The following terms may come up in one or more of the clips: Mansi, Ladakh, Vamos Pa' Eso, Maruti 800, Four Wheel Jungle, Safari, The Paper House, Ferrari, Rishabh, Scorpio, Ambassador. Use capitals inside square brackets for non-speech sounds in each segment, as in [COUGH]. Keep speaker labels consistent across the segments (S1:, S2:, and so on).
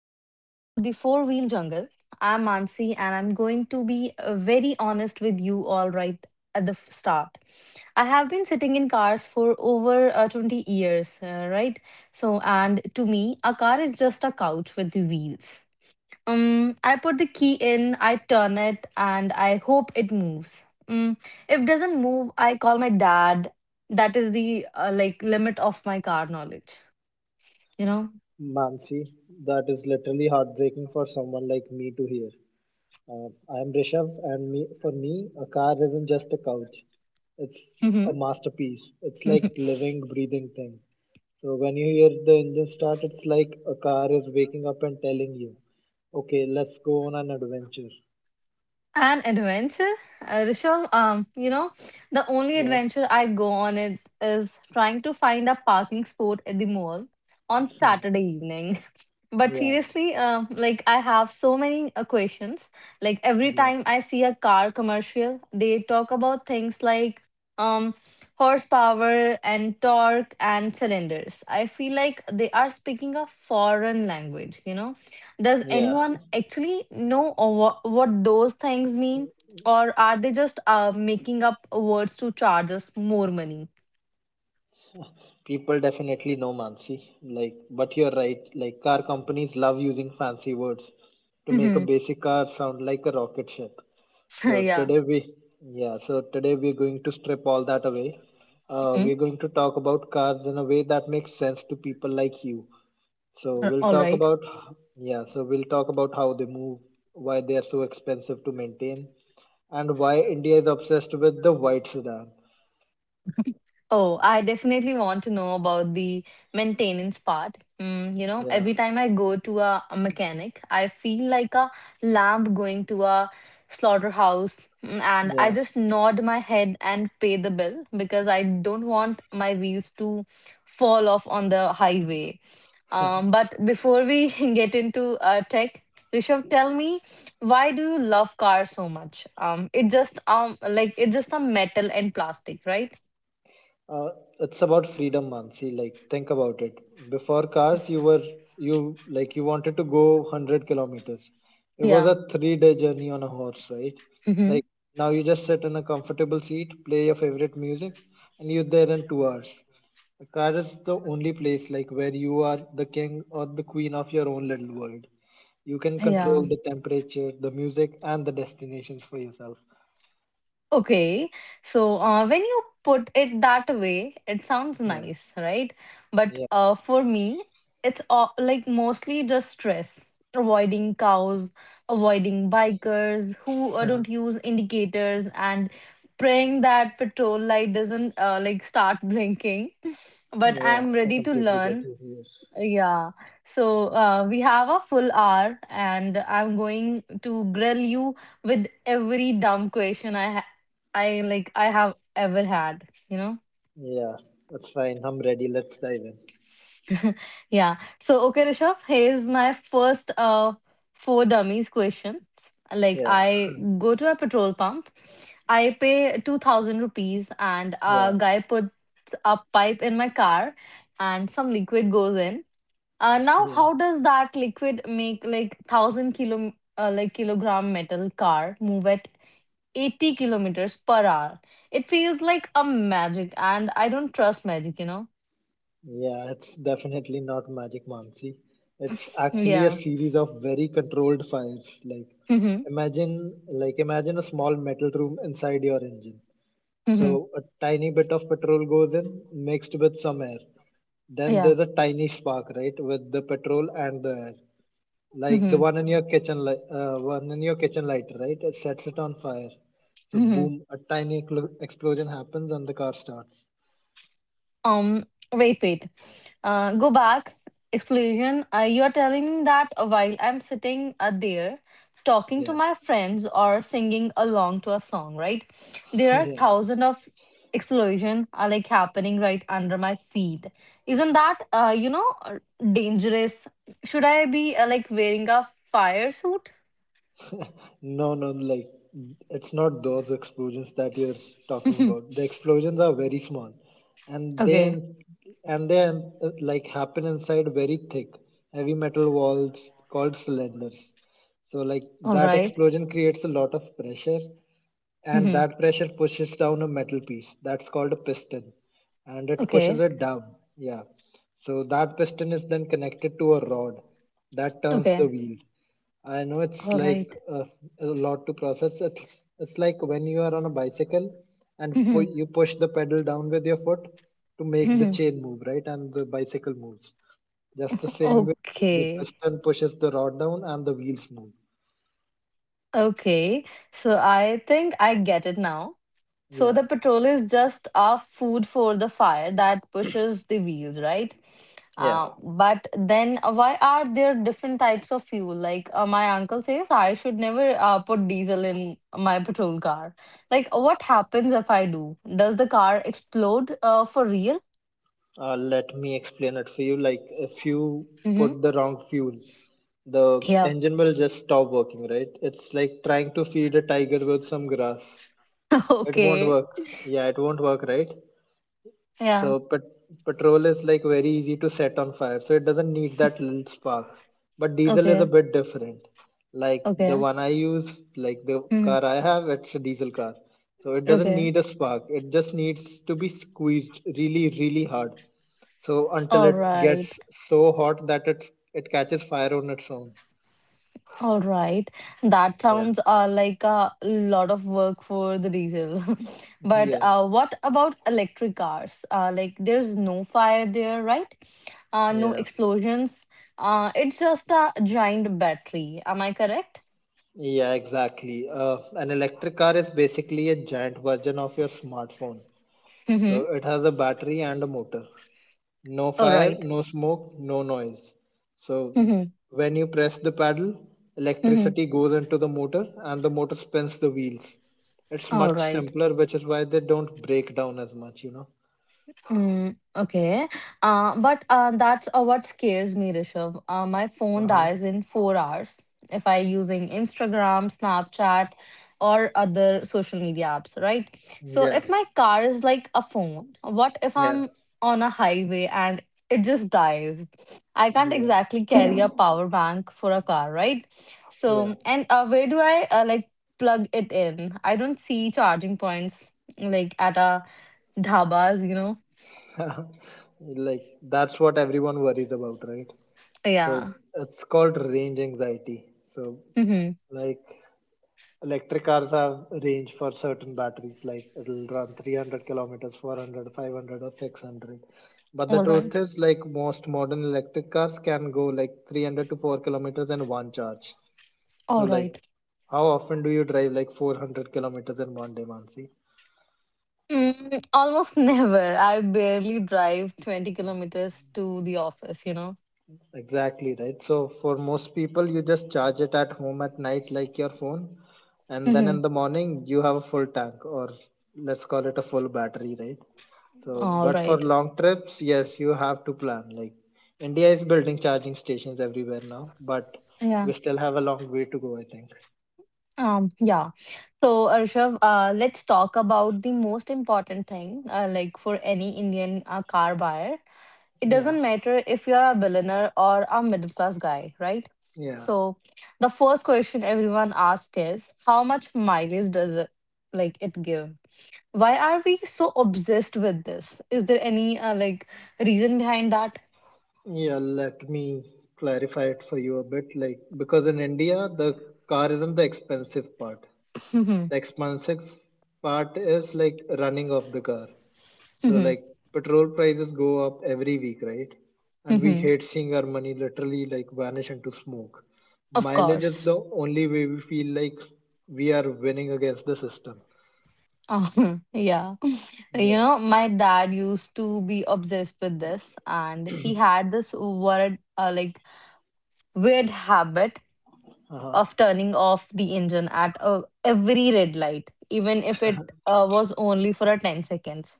S1: welcome to the Four Wheel Jungle. I'm Mansi and I'm going to be very honest with you all right at the start. I have been sitting in cars for over 20 years, right? And to me, a car is just a couch with the wheels. I put the key in, I turn it, and I hope it moves. If it doesn't move, I call my dad. That is the limit of my car knowledge, you know?
S2: Mansi, that is literally heartbreaking for someone like me to hear. Uh, I am Rishabh, and for me, a car isn't just a couch. It's a masterpiece. It's like
S1: [LAUGHS]
S2: living, breathing thing. So when you hear the engine start, it's like a car is waking up and telling you, "Okay, let's go on an adventure."
S1: An adventure, Rishabh. You know, the only
S2: Yeah,
S1: adventure I go on it is trying to find a parking spot at the mall on
S2: [LAUGHS] yeah,
S1: Saturday evening. [LAUGHS] But
S2: yeah,
S1: seriously, like I have so many questions. Like every
S2: yeah.
S1: time I see a car commercial, they talk about things like um horsepower and torque and cylinders. I feel like they are speaking a foreign language. You know, does
S2: yeah.
S1: anyone actually know or what those things mean? Or are they just making up words to charge us more money?
S2: People definitely know Mansi. Like, but you're right. Like, car companies love using fancy words to make a
S1: Hmm.
S2: basic car sound like a rocket ship.
S1: [LAUGHS]
S2: So
S1: yeah.
S2: today we, yeah. So today we're going to strip all that away. We're
S1: Mhm.
S2: going to talk about cars in a way that makes sense to people like you. So we'll
S1: All
S2: talk
S1: right.
S2: about, yeah. So we'll talk about how they move, why they are so expensive to maintain, and why India is obsessed with the white sedan.
S1: Oh, I definitely want to know about the maintenance part. Mm, you know,
S2: Yeah,
S1: every time I go to a mechanic, I feel like a lamb going to a slaughterhouse. Mm, and I
S2: yeah.
S1: just nod my head and pay the bill because I don't want my wheels to fall off on the highway. But before we [LAUGHS] get into tech, Rishabh, tell me, why do you love cars so much? It just it's just a metal and plastic, right?
S2: Uh, it's about freedom, Mansi. Like, think about it. Before cars, you were you like you wanted to go 100 kilometers. It was
S1: Yeah.
S2: a three-day journey on a horse, right?
S1: Mm-hmm.
S2: Like now, you just sit in a comfortable seat, play your favorite music, and you're there in 2 hours. A car is the only place like where you are the king or the queen of your own little world. You can control
S1: Yeah.
S2: the temperature, the music, and the destinations for yourself.
S1: Okay. So when you put it that way, it sounds
S2: Yeah,
S1: nice, right? But
S2: yeah,
S1: for me, it's mostly just stress. Avoiding cows, avoiding bikers who don't use indicators, and praying that patrol light doesn't start blinking. [LAUGHS] But
S2: yeah.
S1: I'm
S2: I
S1: ready to
S2: completely get
S1: learn.
S2: you here.
S1: Yeah. So we have a full hour, and I'm going to grill you with every dumb question I ha- I like I have ever had.
S2: Yeah, that's fine. I'm ready. Let's dive in.
S1: Yeah. So okay, Rishabh, here's my first four dummies question. Like
S2: Yeah,
S1: I go to a petrol pump, I pay 2,000 rupees, and a
S2: yeah,
S1: guy puts a pipe in my car, and some liquid goes in. Now,
S2: yeah,
S1: how does that liquid make like thousand kilogram metal car move at 80 kilometers per hour? It feels like a magic, and I don't trust magic, you know?
S2: yeah. It's definitely not Magic Mansi. It's actually a
S1: Yeah.
S2: series of very controlled fires. Like,
S1: Mm-hmm.
S2: imagine, like, imagine a small metal room inside your engine.
S1: Mm-hmm.
S2: So a tiny bit of petrol goes in, mixed with some air. Then
S1: Yeah.
S2: there's a tiny spark, right, with the petrol and the air. Like the
S1: Mm-hmm.
S2: one in your kitchen, li- uh, one in your kitchen lighter, right? It sets it on fire. So
S1: Mm-hmm.
S2: boom, a tiny explosion happens and the car starts.
S1: Um, wait. Go back. Explosion. You are telling me that while I'm sitting there talking to
S2: Yeah,
S1: my friends or singing along to a song, right? There are
S2: [LAUGHS]
S1: thousands of explosion are like happening right under my feet. Isn't that dangerous? Should I be wearing a fire suit? [LAUGHS]
S2: No, no, it's not those explosions that you're talking
S1: Mhm.
S2: about. The explosions are very small, and
S1: Okay.
S2: then and then happen inside very thick heavy metal walls called cylinders. So like
S1: All
S2: that
S1: right.
S2: explosion creates a lot of pressure, and
S1: Mhm.
S2: that pressure pushes down a metal piece that's called a piston, and it pushes
S1: Okay.
S2: it down. Yeah. So that piston is then connected to a rod that turns the
S1: Okay.
S2: wheel. I know it's
S1: All
S2: like
S1: right.
S2: a lot to process. It's like when you are on a bicycle and
S1: Mhm.
S2: you push the pedal down with your foot to make the
S1: Mhm.
S2: chain move, right? And the bicycle moves. Just the same way the
S1: Okay.
S2: piston pushes the rod down and the wheels move.
S1: Okay, so I think I get it now. So
S2: Yeah,
S1: the petrol is just our food for the fire that pushes the wheels, right?
S2: yeah.
S1: But then why are there different types of fuel? Like my uncle says, I should never put diesel in my petrol car. Like what happens if I do? Does the car explode for real?
S2: Let me explain it for you. Like if you
S1: Mm-hmm.
S2: put the wrong fuel, the
S1: Yeah.
S2: engine will just stop working, right? It's like trying to feed a tiger with some grass.
S1: [LAUGHS]
S2: It won't
S1: Okay.
S2: work. Yeah, it won't work, right?
S1: Yeah.
S2: So petrol is like very easy to set on fire, so it doesn't need that little spark. But diesel is a
S1: Okay.
S2: bit different. Like the
S1: Okay.
S2: one I use, like the
S1: Hmm.
S2: car I have, it's a diesel car. So it doesn't
S1: Okay.
S2: need a spark. It just needs to be squeezed really, really hard. So until
S1: All
S2: it
S1: right.
S2: gets so hot that it catches fire on its own.
S1: All right. That
S2: Yeah.
S1: sounds like a lot of work for the diesel. [LAUGHS] But
S2: Yeah.
S1: what about electric cars? Like, there's no fire there, right? No
S2: Yeah.
S1: explosions. It's just a giant battery. Am I correct?
S2: Yeah, exactly. An electric car is basically a giant version of your smartphone.
S1: Mm-hmm.
S2: So it has a battery and a motor. No
S1: All
S2: fire,
S1: right.
S2: no smoke, no noise. So
S1: Mm-hmm.
S2: when you press the paddle,
S1: Mm-hmm.
S2: electricity goes into the motor and the motor spins the wheels. It's
S1: All
S2: much
S1: right.
S2: simpler, which is why they don't break down as much, you know.
S1: Mm, okay. But that's what scares me, Rishabh. My phone
S2: Uh-huh.
S1: dies in 4 hours if I using Instagram, Snapchat, or other social media apps, right? So
S2: Yeah,
S1: if my car is like a phone, what if
S2: yeah,
S1: I'm on a highway and it just dies? I can't
S2: yeah,
S1: exactly carry a power bank for a car, right?
S2: yeah.
S1: So, and where do I plug it in? I don't see charging points like at a dhabas, you know.
S2: [LAUGHS] Like that's what everyone worries about, right? So
S1: Yeah.
S2: it's called range anxiety. So
S1: Mhm.
S2: like electric cars have range for certain batteries, like it'll run 300 kilometers, 400, 500, or 600, but the
S1: All
S2: truth
S1: right.
S2: is, like, most modern electric cars can go like 300 to 4 kilometers in one charge. So
S1: All
S2: like
S1: right.
S2: how often do you drive like 400 kilometers in 1 day, Mansi?
S1: Mm, almost [LAUGHS] never. I barely drive 20 kilometers to the office, you know.
S2: Exactly right. So for most people, you just charge it at home at night, like your phone, and then
S1: Mhm.
S2: in the morning you have a full tank, or let's call it a full battery, right? So,
S1: All
S2: but for
S1: right.
S2: long trips, yes, you have to plan. Like India is building charging stations everywhere now, but
S1: Yeah.
S2: we still have a long way to go, I think.
S1: Yeah. So, Arshav, let's talk about the most important thing, for any Indian car buyer. It
S2: Yeah,
S1: doesn't matter if you're a billionaire or a middle class guy, right?
S2: yeah,
S1: So, the first question everyone asks is, how much mileage does it give? Why are we so obsessed with this? Is there any reason behind that? [LAUGHS]
S2: yeah. Let me clarify it for you a bit. Like, because in India, the car isn't the expensive part.
S1: Mhm,
S2: The expensive part is like running of the car. So
S1: mhm,
S2: like petrol prices go up every week, right? And we
S1: mhm.
S2: hate seeing our money literally like vanish into smoke.
S1: Of
S2: Mileage is
S1: course.
S2: the only way we feel like we are winning against the system.
S1: Uh, [LAUGHS] yeah. You
S2: yeah
S1: know, my dad used to be obsessed with this and he had this weird habit
S2: uh-huh.
S1: of turning off the engine at every red light, even if it was only for a 10 seconds.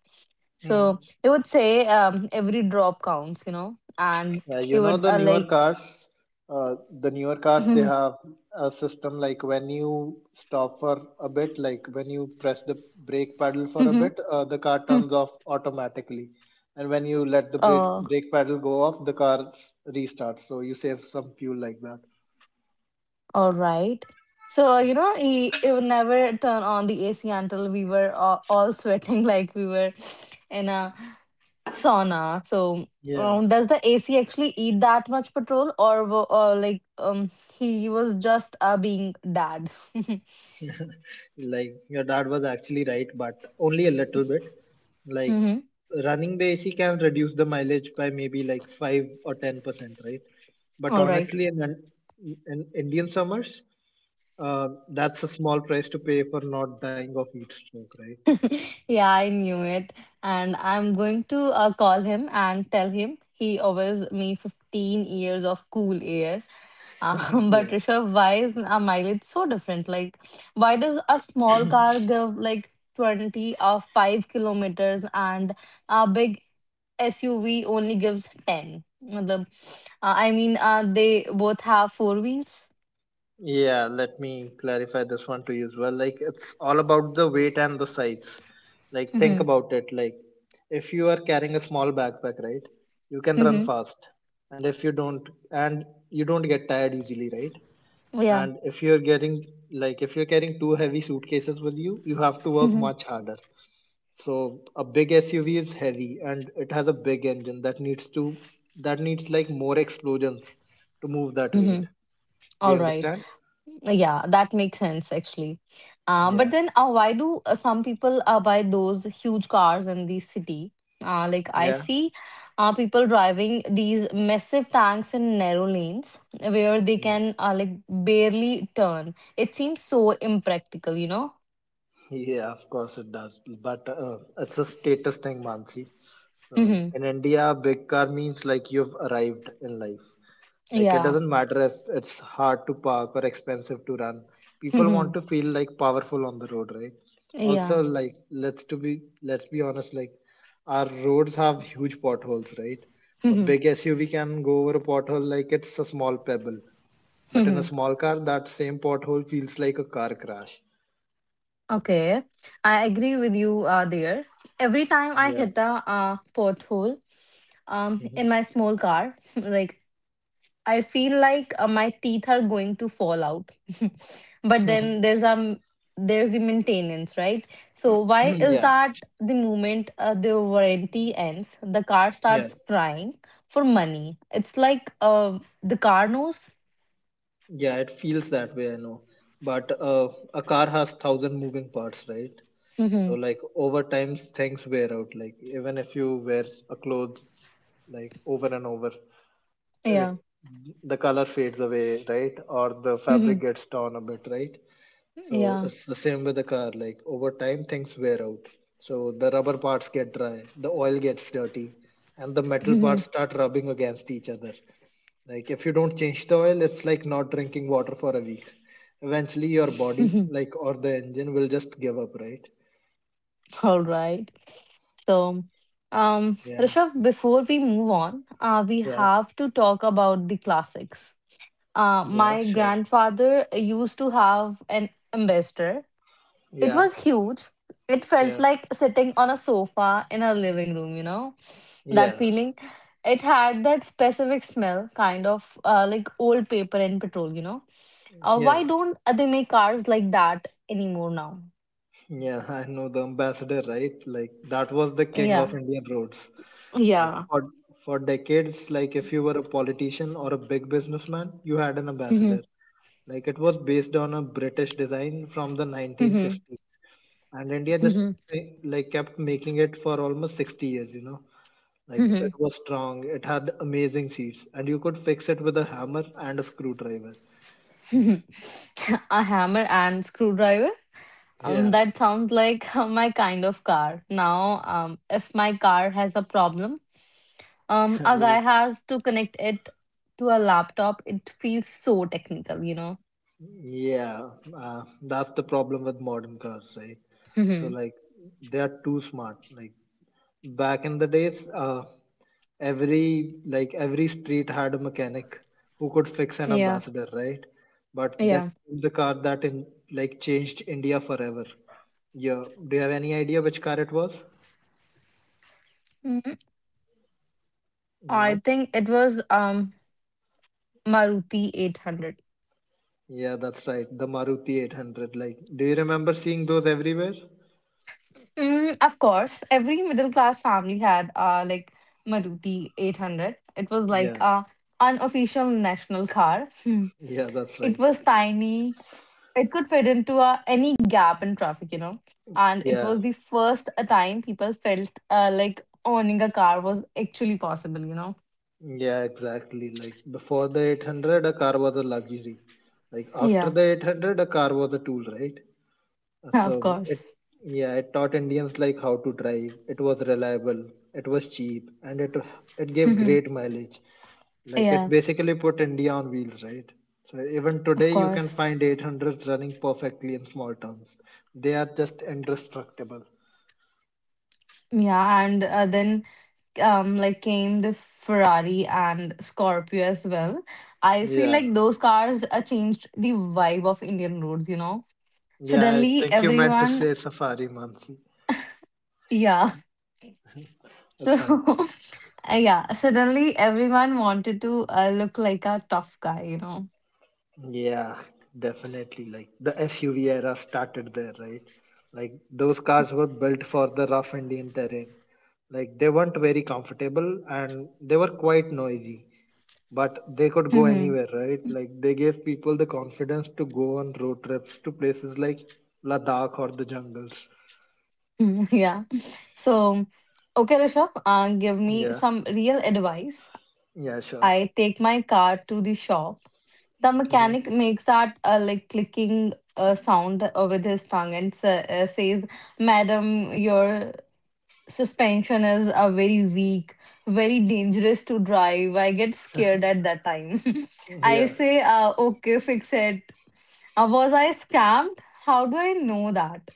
S2: Hmm.
S1: So he would say every drop counts, you know, and
S2: Yeah,
S1: he
S2: you know
S1: would
S2: uh, the newer cars they
S1: [LAUGHS]
S2: have a system like when you stop for a bit, like when you press the brake pedal for a
S1: Mm-hmm.
S2: bit, the car
S1: Hmm.
S2: turns off automatically, and when you let the brake
S1: Oh,
S2: brake pedal go off, the car restarts. So you save some fuel like that.
S1: all right. So, you know, he would never turn on the AC until we were all sweating [LAUGHS] like we were in a sauna. So,
S2: Yeah.
S1: does the AC actually eat that much petrol or he was just being dad? [LAUGHS]
S2: Like your dad was actually right, but only a little bit. Like
S1: Mm-hmm.
S2: running the AC can reduce the mileage by maybe like 5 or 10%, right? But
S1: All right.
S2: honestly, in Indian summers, that's a small price to pay for not dying of heat stroke, right?
S1: Yeah, I knew it. And I'm going to call him and tell him he owes me 15 years of cool air.
S2: [LAUGHS]
S1: [LAUGHS] But
S2: yeah.
S1: Rishabh, why is our mileage so different? Like, why does a small car give like 20 or 5 kilometers and a big SUV only gives 10? I mean, they both have four wheels.
S2: Yeah, let me clarify this one to you as well. Like, it's all about the weight and the size.
S1: [LAUGHS]
S2: Like, think
S1: Mm-hmm.
S2: about it. Like, if you are carrying a small backpack, right, you can run
S1: Mm-hmm.
S2: fast. And and you don't get tired easily, right?
S1: Yeah.
S2: And if you're carrying two heavy suitcases with you, you have to
S1: [LAUGHS]
S2: work
S1: Mm-hmm.
S2: much harder. So, a big SUV is heavy and it has a big engine that needs like more explosions to move that
S1: Mm-hmm.
S2: weight. Do you
S1: All right.
S2: understand?
S1: Yeah, that makes sense actually. But
S2: Yeah.
S1: then, why do some people buy those huge cars in the city? Like I
S2: Yeah.
S1: see people driving these massive tanks in narrow lanes where they
S2: Mm,
S1: can barely turn. It seems so impractical, you know?
S2: Yeah, of course it does. But it's a status thing, Mansi. So
S1: Mm-hmm.
S2: in India, big car means like you've arrived in life. Like it
S1: Yeah.
S2: doesn't matter if it's hard to park or expensive to run. People want
S1: Mm-hmm.
S2: to feel like powerful on the road, right?
S1: Yeah.
S2: Also, like let's be honest, like our roads have huge potholes, right? A
S1: Mm-hmm.
S2: big SUV can go over a pothole like it's a small pebble, but in a
S1: Mm-hmm.
S2: small car, that same pothole feels like a car crash.
S1: Okay, I agree with you there. Every time I
S2: Yeah.
S1: hit a pothole in my
S2: [LAUGHS]
S1: small car, [LAUGHS] like I feel like my teeth are going to fall out. [LAUGHS] But then there's the maintenance, right? So
S2: [CLEARS THROAT]
S1: why is
S2: yeah,
S1: that the moment the warranty ends, the car
S2: yeah,
S1: starts crying for money? It's like the car knows.
S2: yeah. It feels that way, I know. But a car has thousand moving parts, right? So
S1: Mhm.
S2: like over time, things wear out. Like even if you wear a clothes like over and over, it,
S1: Yeah.
S2: the color fades away, right? Or the fabric
S1: Mhm.
S2: gets torn a bit, right? So
S1: Yeah.
S2: it's the same with the car. Like over time, things wear out. So the rubber parts get dry, the oil gets dirty, and the metal
S1: Mhm.
S2: parts start rubbing against each other. Like if you don't change the oil, it's like not drinking water for a week. Eventually, your body,
S1: [LAUGHS]
S2: like or the engine, will just give up, right?
S1: All right. So,
S2: Yeah,
S1: Rishabh, before we move on, we
S2: yeah,
S1: have to talk about the classics.
S2: yeah,
S1: My
S2: sure.
S1: grandfather used to have an ambassador. It
S2: Yeah,
S1: was huge. It felt
S2: yeah,
S1: like sitting on a sofa in a living room, you know, that
S2: yeah,
S1: feeling. It had that specific smell, kind of like old paper and petrol, you know.
S2: yeah,
S1: Why don't they make cars like that anymore now?
S2: yeah. I know the ambassador, right? Like that was the king of
S1: Yeah.
S2: Indian roads. Like
S1: Yeah.
S2: for decades, like if you were a politician or a big businessman, you had an ambassador.
S1: [LAUGHS]
S2: Like it was based on a British design from the 1950s, and India just like kept making it for almost 60 years, you know. Like it was strong, it had amazing seats, and you could fix it with a hammer and a screwdriver.
S1: A hammer and screwdriver.
S2: Yeah
S1: That sounds like [LAUGHS] my kind of car. Now, if my car has a problem, a guy
S2: [LAUGHS]
S1: has to connect it to a laptop. It feels so technical, you know.
S2: yeah that's the problem with modern cars, right? So
S1: Mhm.
S2: like they are too smart. Like back in the days, every street had a mechanic who could fix an
S1: Yeah,
S2: ambassador, right? But then
S1: yeah.
S2: the car that in like changed India forever. Yeah. Do you have any idea which car it was?
S1: Mhm. I
S2: No.
S1: think it was Maruti 800.
S2: Yeah, that's right. The Maruti 800. Like, do you remember seeing those everywhere?
S1: Mm, of course, every middle class family had Maruti 800. It was like
S2: Yeah.
S1: a unofficial national car. Hmm.
S2: Yeah, that's
S1: It
S2: right.
S1: was tiny, it could fit into any gap in traffic, you know. And it
S2: Yeah.
S1: was the first time people felt owning a car was actually possible, you know.
S2: Yeah, exactly. Like, before the 800, a car was a luxury. Like, after
S1: Yeah,
S2: the 800, a car was a tool, right?
S1: [LAUGHS] of
S2: So it,
S1: course.
S2: yeah, it taught Indians like how to drive. It was reliable, it was cheap, and it gave
S1: Mhm.
S2: great mileage. Like it
S1: Yeah,
S2: basically put India on wheels, right? So even
S1: of
S2: today, you can
S1: course.
S2: find 800s running perfectly in small towns. They are just indestructible.
S1: Yeah, and then came the Ferrari and Scorpio as well. I feel
S2: Yeah,
S1: like those cars changed the vibe of Indian roads, you know.
S2: yeah. I
S1: Suddenly
S2: think you meant to
S1: everyone,
S2: say Safari, Mansi.
S1: yeah. [LAUGHS]
S2: That's
S1: So
S2: fine.
S1: uh, yeah, suddenly everyone wanted to look like a tough guy, you know.
S2: Yeah, definitely. Like the SUV era started there, right? Like those cars were built for the rough Indian terrain. Like they weren't very comfortable and they were quite noisy, but they could go
S1: Mhm.
S2: anywhere, right? Like they gave people the confidence to go on road trips to places like Ladakh or the jungles.
S1: Mm, [LAUGHS] yeah. So, okay, Rishabh, give me
S2: Yeah,
S1: some real advice.
S2: yeah, sure.
S1: I take my car to the shop. The
S2: hmm
S1: mechanic makes that clicking sound with his tongue and sa says, "Madam, your suspension is very weak, very dangerous to drive. I get scared at that time." [LAUGHS] I
S2: Yeah.
S1: say, okay, fix it. Was I scammed? How do I know that?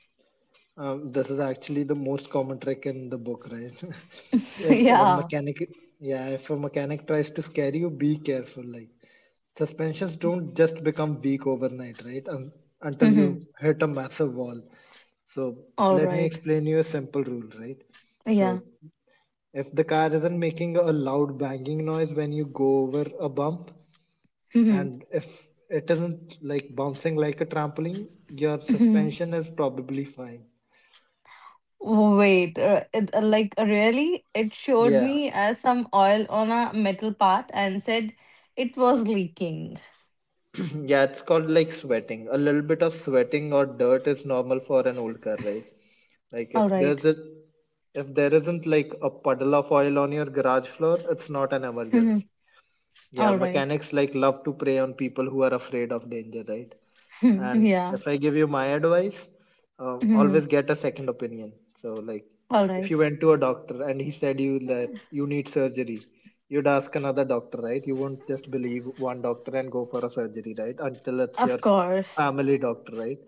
S2: This is actually the most common trick in the book, right? [LAUGHS]
S1: [LAUGHS]
S2: if a
S1: Yeah.
S2: mechanic, Yeah, if a mechanic tries to scare you, be careful. Like suspensions don't just become weak overnight, right? Until you
S1: Mhm.
S2: hit a massive wall. So
S1: All
S2: let me
S1: right.
S2: explain you a simple rule, right?
S1: Yeah.
S2: So if the car isn't making a loud banging noise when you go over a bump,
S1: Mhm.
S2: and if it isn't like bouncing like a trampoline, your
S1: Mhm.
S2: suspension is probably fine.
S1: Wait, it, like really? It showed
S2: Yeah,
S1: me some oil on a metal part and said it was leaking.
S2: yeah, it's called like sweating. A little bit of sweating or dirt is normal for an old car, right? Like
S1: All right.
S2: if there isn't like a puddle of oil on your garage floor, it's not an emergency.
S1: Mhm.
S2: Yeah,
S1: All right.
S2: mechanics like love to prey on people who are afraid of danger, right?
S1: [LAUGHS] Mhm.
S2: And
S1: Yeah.
S2: if I give you my advice,
S1: Mhm.
S2: always get a second opinion. So, like,
S1: All
S2: if
S1: right.
S2: you went to a doctor and he said you that you need surgery, you'd ask another doctor, right? You won't just believe one doctor and go for a surgery, right? Until it's your
S1: Of course.
S2: family doctor, right?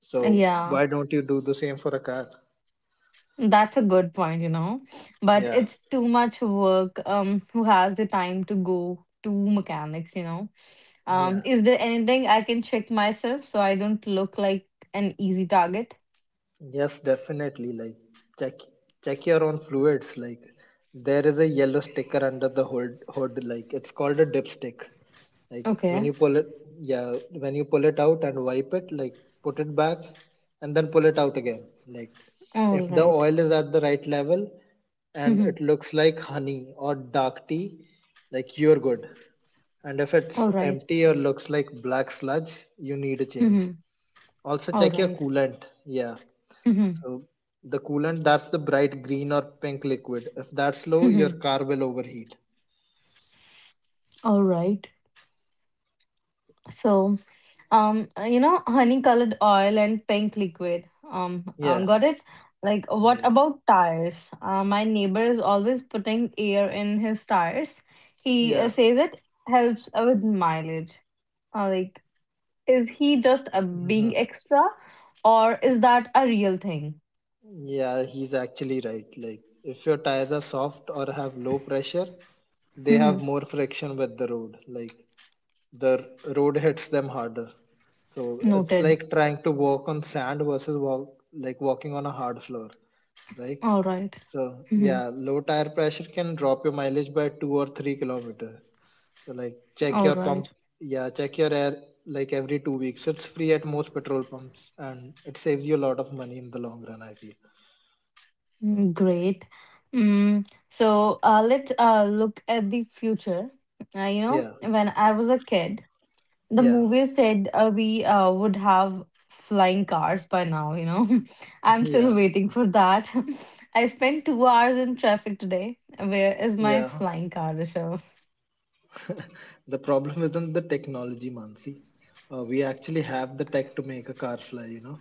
S2: So,
S1: Yeah.
S2: why don't you do the same for a car?
S1: That's a good point, you know. But
S2: Yeah,
S1: it's too much work. Who has the time to go to mechanics, you know?
S2: yeah.
S1: Is there anything I can check myself so I don't look like an easy target?
S2: Yes, definitely. Like check check your own fluids. Like there is a yellow sticker under the hood. Like it's called a dipstick. Like when
S1: Okay.
S2: you pull it, yeah, when you pull it out and wipe it, like put it back and then pull it out again. Like
S1: All
S2: if the
S1: right.
S2: oil is at the right level and
S1: Mhm.
S2: it looks like honey or dark tea, like you're good. And if
S1: All
S2: it's
S1: right.
S2: empty or looks like black sludge, you need a change.
S1: Mhm.
S2: Also
S1: All
S2: check your
S1: right.
S2: coolant. Yeah,
S1: Mhm.
S2: so the coolant, that's the bright green or pink liquid. If that's low, your
S1: Mhm.
S2: car will overheat.
S1: All right. So, you know, honey colored oil and pink liquid. Um,
S2: Yeah,
S1: got it? Like, what
S2: yeah,
S1: about tires? My neighbor is always putting air in his tires. He
S2: yeah.
S1: says it helps with mileage. Uh, like, Is he just a
S2: Hmm.
S1: being extra or is that a real thing?
S2: Yeah, he's actually right. Like, if your tires are soft or have low pressure, they
S1: Mhm.
S2: have more friction with the road. Like, the road hits them harder. So it's
S1: Noted.
S2: like trying to walk on sand versus walking on a hard floor, right?
S1: All right.
S2: So
S1: Mhm.
S2: yeah, low tire pressure can drop your mileage by 2 or 3 kilometers. So like check
S1: All
S2: your pump.
S1: right.
S2: Yeah, check your air like every 2 weeks. It's free at most petrol pumps and it saves you a lot of money in the long run, I feel.
S1: Great. So let's look at the future. You know,
S2: Yeah,
S1: when I was a kid, the
S2: yeah,
S1: movie said we would have flying cars by now, you know. [LAUGHS]
S2: [LAUGHS]
S1: I'm still
S2: yeah,
S1: waiting for that. [LAUGHS] I spent 2 hours in traffic today. Where is my
S2: yeah.
S1: flying car, Rishabh?
S2: The problem isn't the technology, Mansi. We actually have the tech to make a car fly.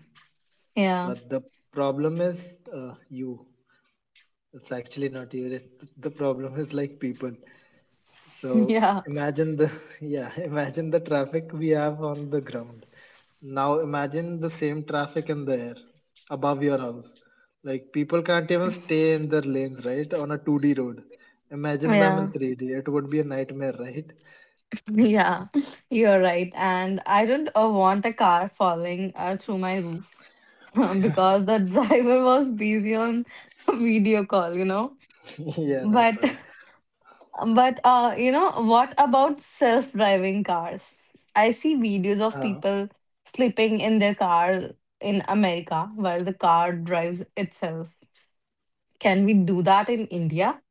S1: Yeah,
S2: But the problem is you. It's actually not you. The problem is like people.
S1: [LAUGHS]
S2: So
S1: yeah,
S2: imagine the [LAUGHS] yeah, imagine the traffic we have on the ground. Now imagine the same traffic in the air above your house. Like people can't even stay in their lanes, right? On a 2D road. Imagine them
S1: yeah.
S2: in 3D. It would be a nightmare, right?
S1: yeah. [LAUGHS] You're right. And I don't want a car falling through my roof [LAUGHS] because the driver was busy on [LAUGHS] video call, you know.
S2: [LAUGHS] yeah, that's
S1: But
S2: right.
S1: [LAUGHS] but you know, what about self-driving cars? I see videos of
S2: Uh,
S1: people sleeping in their car in America while the car drives itself. Can we do that in India?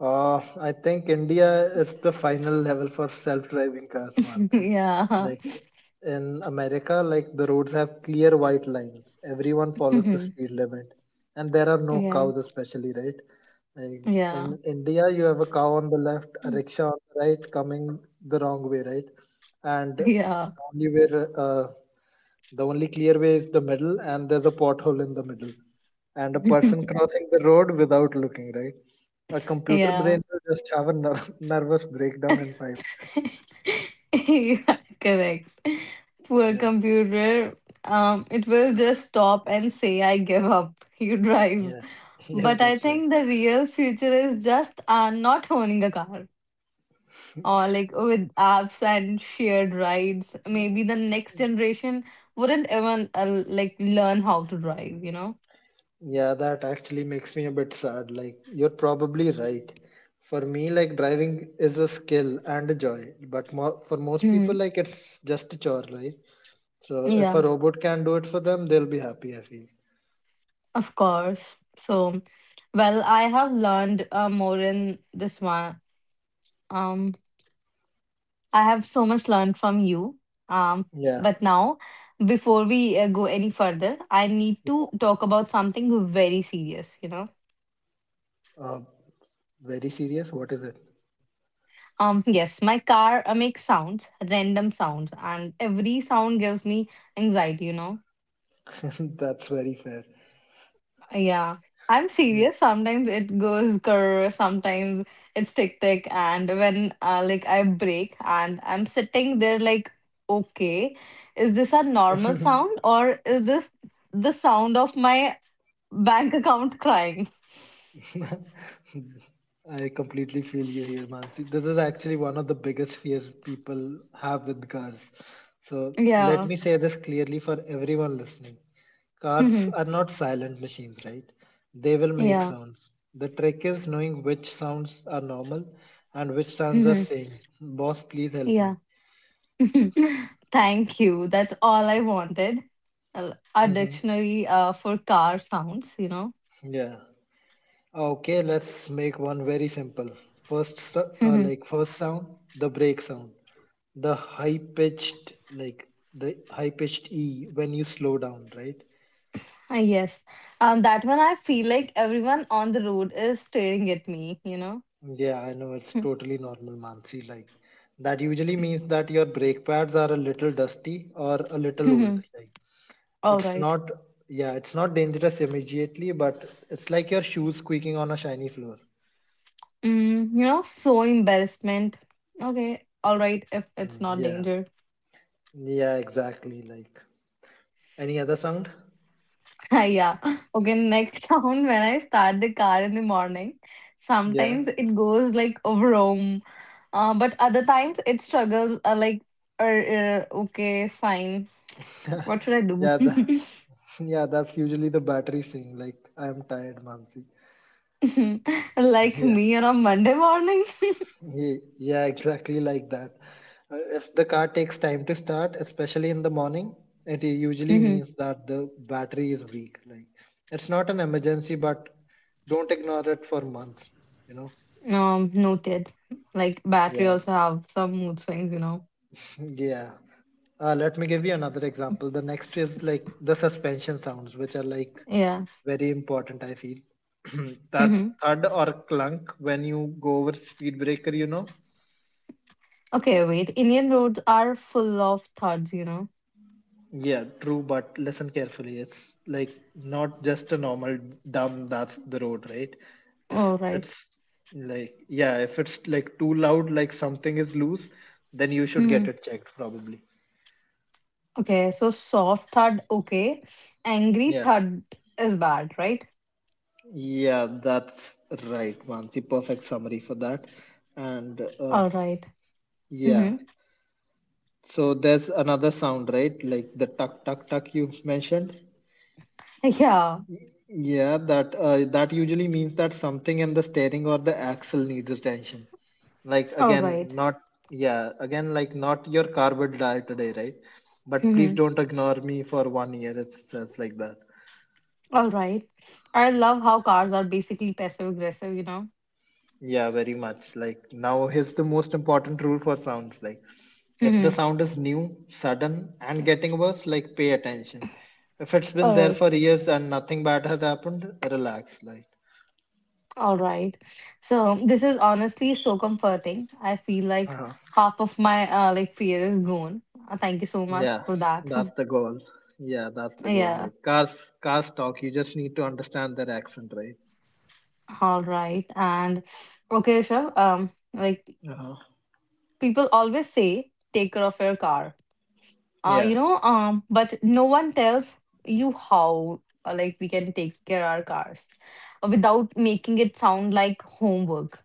S2: I think India is the final level for self-driving cars,
S1: [LAUGHS]
S2: Mansi.
S1: Yeah.
S2: Like in America, like the roads have clear white lines. Everyone follows the speed
S1: [LAUGHS]
S2: limit, and there are no
S1: Yeah.
S2: cows, especially, right? Like
S1: Yeah.
S2: in India, you have a cow on the left, a rickshaw on the right, coming the wrong way, right? And
S1: Yeah.
S2: the only clear way is the middle, and there's a pothole in the middle, and a person crossing the road without looking, right? A
S1: [LAUGHS]
S2: computer
S1: Yeah.
S2: brain will just have a [LAUGHS] nervous breakdown in 5 minutes.
S1: [LAUGHS] Yeah, correct. Poor
S2: Yeah,
S1: computer. It will just stop and say, I give up. You drive.
S2: yeah, [LAUGHS] yeah,
S1: But I
S2: that's right.
S1: think the real future is just not owning a car or like with apps and shared rides. Maybe the next generation wouldn't even learn how to drive, you know?
S2: Yeah, that actually makes me a bit sad. Like, you're probably right. For me, like, driving is a skill and a joy, but for most people,
S1: Hmm.
S2: like, it's just a chore, right? So, if
S1: Yeah,
S2: a robot can do it for them, they'll be happy, I feel.
S1: of course. So, well, I have learned more in this one. Um, I have so much learned from you. Um,
S2: Yeah.
S1: but now, before we go any further, I need to talk about something very serious, you know.
S2: Uh, Very serious. What is it?
S1: Yes, my car makes sounds, random sounds, and every sound gives me anxiety, you know.
S2: [LAUGHS] That's very fair.
S1: Yeah, I'm serious. Sometimes it goes grr, sometimes it's tick tick, and when I break and I'm sitting there like, okay, is this a normal sound or is this the sound of my bank account crying.
S2: Yeah. [LAUGHS] I completely feel you here, Mansi. This is actually one of the biggest fears people have with cars. So let
S1: Yeah.
S2: me say this clearly for everyone listening. Cars
S1: Mhm.
S2: are not silent machines, right? They will make
S1: Yeah.
S2: sounds. The trick is knowing which sounds are normal and which sounds are
S1: Mhm.
S2: saying, Boss, please help
S1: Yeah.
S2: me. [LAUGHS]
S1: [LAUGHS] Thank you. That's all I wanted. A
S2: Mhm.
S1: dictionary for car sounds, you know.
S2: Yeah. Okay, let's make one very simple. First,
S1: Mhm.
S2: first sound, the brake sound. the high pitched like the high pitched e when you slow down, right?
S1: Yes. That one I feel like everyone on the road is staring at me, you know.
S2: Yeah, I know it's totally normal, Mansi. Like that usually means that your brake pads are a little dusty or a little old.
S1: Mhm.
S2: Like
S1: All
S2: it's
S1: right.
S2: not yeah, it's not dangerous immediately, but it's like your shoes squeaking on a shiny floor.
S1: You know, so embarrassment. Okay. All right. If it's
S2: Mm,
S1: not
S2: yeah,
S1: danger.
S2: yeah, exactly, like any other sound.
S1: [LAUGHS] Yeah. Okay, next [LAUGHS] sound when I start the car in the morning,
S2: Yeah,
S1: sometimes it goes like vroom, but other times it struggles. Okay, fine. What should I
S2: [LAUGHS]
S1: do?
S2: yeah the, [LAUGHS] yeah, that's usually the battery saying like, I'm tired, Mansi.
S1: [LAUGHS]
S2: [LAUGHS]
S1: Like
S2: Yeah.
S1: me on a Monday morning. [LAUGHS]
S2: Yeah, exactly like that. If the car takes time to start, especially in the morning, it usually
S1: Mm-hmm.
S2: means that the battery is weak. Like it's not an emergency, but don't ignore it for months, you know?
S1: Noted. Like battery
S2: Yeah.
S1: also
S2: [LAUGHS]
S1: have some mood swings, you know.
S2: Yeah. Let me give you another example. The next is like the suspension sounds, which are like
S1: Yeah.
S2: very important, I feel. [CLEARS THROAT]
S1: Mm-hmm.
S2: That thud or clunk when you go over speed breaker, you know?
S1: Okay, wait. Indian roads are full of thuds, you know.
S2: Yeah, true, but listen carefully. It's like not just a normal dumb, that's the road, right? If
S1: All right.
S2: it's like, Yeah, if it's like too loud, like something is loose, then you should get
S1: [LAUGHS]
S2: it checked probably.
S1: Okay, so soft thud, okay. Angry
S2: Yeah,
S1: thud is bad, right?
S2: yeah, that's right, Mansi. Perfect summary for that. And
S1: All right.
S2: Yeah,
S1: Mm-hmm.
S2: so there's another sound, right? Like the tuck, tuck, tuck you mentioned.
S1: Yeah.
S2: Yeah, that usually means that something in the steering or the axle needs attention. Like
S1: All
S2: again,
S1: right.
S2: not Yeah, again, like not your carbon dial today, right? But please
S1: Mm-hmm.
S2: don't ignore me for 1 year. It says like that.
S1: All right. I love how cars are basically passive aggressive, you know?
S2: Yeah, very much. Like now, here's the most important rule for sounds. Like if the
S1: Mm-hmm.
S2: sound is new, sudden, and getting worse, like pay attention. If it's been
S1: All
S2: there
S1: right.
S2: for years and nothing bad has happened, relax.
S1: All right. So this is honestly so comforting. I feel like
S2: Like.
S1: half of my fear is gone. Thank you so much
S2: Yeah,
S1: for that.
S2: that's the goal. Yeah, that's
S1: [LAUGHS]
S2: the goal.
S1: Yeah.
S2: Like cars talk. You just need to understand their accent, right?
S1: All right. And okay, sure.
S2: Uh-huh.
S1: People always say take care of your car
S2: Yeah,
S1: but no one tells you how we can take care our cars without making it sound like homework,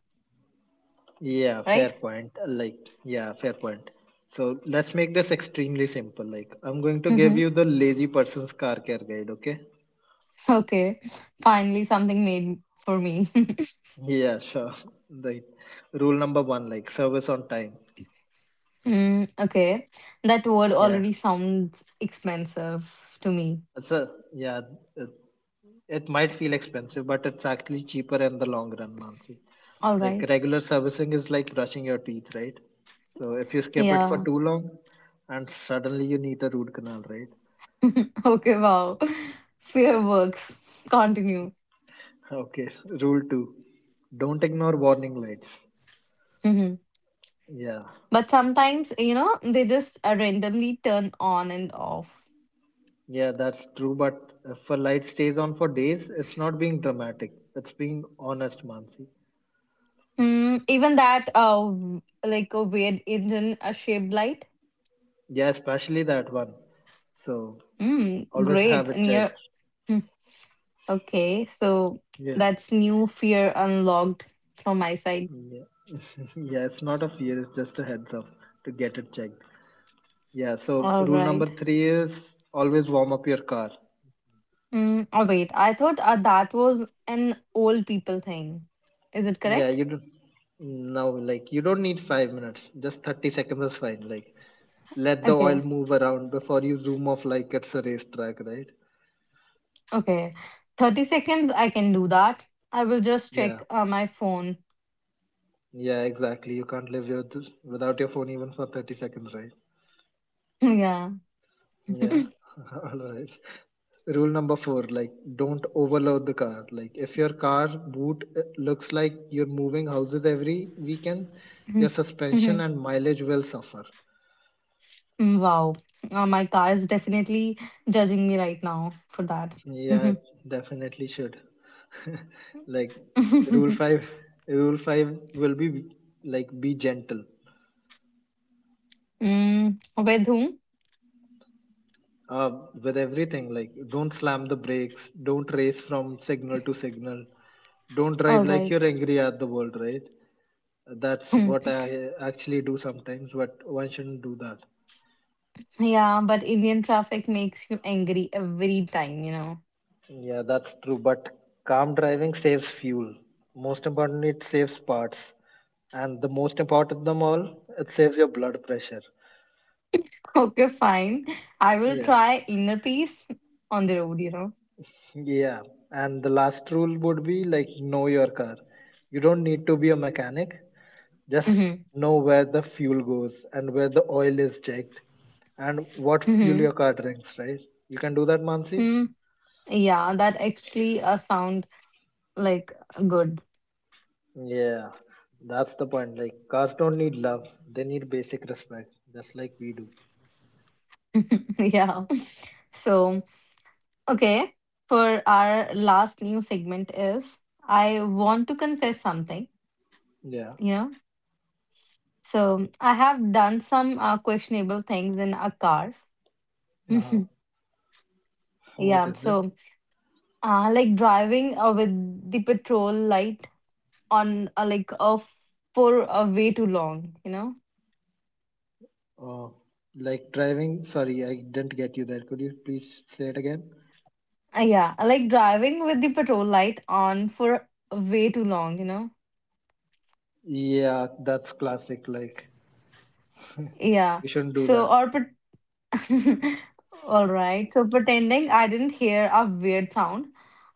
S2: yeah, fair
S1: right?
S2: point. Like, yeah, fair point. So let's make this extremely simple. Like, I'm going
S1: [LAUGHS]
S2: to give
S1: Mhm.
S2: you the lazy person's car care guide. Okay?
S1: Okay, finally something made for me. [LAUGHS]
S2: Yeah, sure. [LAUGHS] Right. Rule number one, like service on time.
S1: Okay, that word
S2: Yeah.
S1: already sounds expensive to me.
S2: So yeah, it, it might feel expensive, but it's actually cheaper in the long run, Mansi.
S1: All
S2: Like
S1: right.
S2: regular servicing is like brushing your teeth, right? So if you skip it for
S1: Yeah.
S2: too long, and suddenly you need a root canal, right?
S1: [LAUGHS] Okay, wow. [LAUGHS] Fair works, continue.
S2: Okay, [LAUGHS] rule two. Don't ignore warning lights.
S1: [LAUGHS] Mhm.
S2: Yeah,
S1: But sometimes, you know, they just randomly turn on and off.
S2: yeah, that's true. But if a light stays on for days, it's not being dramatic. It's being honest, Mansi.
S1: Even that, a weird engine shaped light.
S2: Yeah, especially that one. So always
S1: Great.
S2: have it
S1: And you're.
S2: checked.
S1: Mm, okay. So
S2: Yeah,
S1: that's new fear unlocked from my side.
S2: yeah, [LAUGHS] yeah. It's not a fear. It's just a heads up to get it checked. Yeah. So
S1: All
S2: rule number
S1: right.
S2: three is always warm up your car.
S1: Oh, wait. I thought that was an old people thing. Is it
S2: Yeah,
S1: correct?
S2: you do now, like you don't need 5 minutes, just 30 seconds is fine. Like let the oil
S1: Okay.
S2: move around before you zoom off like it's a racetrack, right?
S1: Okay. 30 seconds, I can do that. I will just
S2: Yeah,
S1: check my phone.
S2: yeah, exactly. You can't live without your phone even for 30 seconds, right?
S1: [LAUGHS] Yeah.
S2: Yeah.
S1: [LAUGHS]
S2: [LAUGHS] All right. Rule number four, like don't overload the car. Like if your car boot looks like you're moving houses every weekend,
S1: [LAUGHS] Mhm.
S2: your suspension
S1: Mhm.
S2: and mileage will suffer.
S1: Wow. My car is definitely judging me right now for that.
S2: Yeah,
S1: Mhm.
S2: it definitely should. [LAUGHS] Like rule
S1: [LAUGHS]
S2: five rule five will be like, be gentle
S1: With whom?
S2: uh, with everything. Like don't slam the brakes, don't race from signal to signal, don't
S1: All
S2: drive like
S1: right.
S2: you're angry at the world, right? That's what
S1: [LAUGHS]
S2: I actually do sometimes, but one shouldn't do that.
S1: Hmm. Yeah, but Indian traffic makes you angry every time, you know.
S2: Yeah, that's true, but calm driving saves fuel. Most importantly, it saves parts. And the most important of them all, it saves your blood pressure.
S1: [LAUGHS] Okay, fine. I will
S2: Yeah.
S1: try inner peace on the road, you know.
S2: Yeah, and the last rule would be like, know your car. You don't need to be a mechanic.
S1: [LAUGHS]
S2: Just
S1: Mhm.
S2: know where the fuel goes and where the oil is checked and what fuel
S1: Mhm.
S2: your car drinks, right? You can do that, Mansi?
S1: Mm, yeah, that actually sound like good.
S2: Yeah, that's the point. Like cars don't need love. They need basic respect, just like we do.
S1: [LAUGHS] Yeah. So okay, for our last new segment is I want to confess something,
S2: Yeah.
S1: you know. So I have done some questionable things in a car. [LAUGHS]
S2: Uh-huh. What
S1: Yeah,
S2: is it?
S1: so driving with the petrol light on off for way too long, you know.
S2: Uh, like driving. Sorry, I didn't get you there. Could you please say it again?
S1: Yeah, I like driving with the petrol light on for way too long, you know.
S2: Yeah, that's classic. Like
S1: Yeah.
S2: you shouldn't do
S1: So
S2: that.
S1: or pet [LAUGHS] All right. So pretending I didn't hear a weird sound,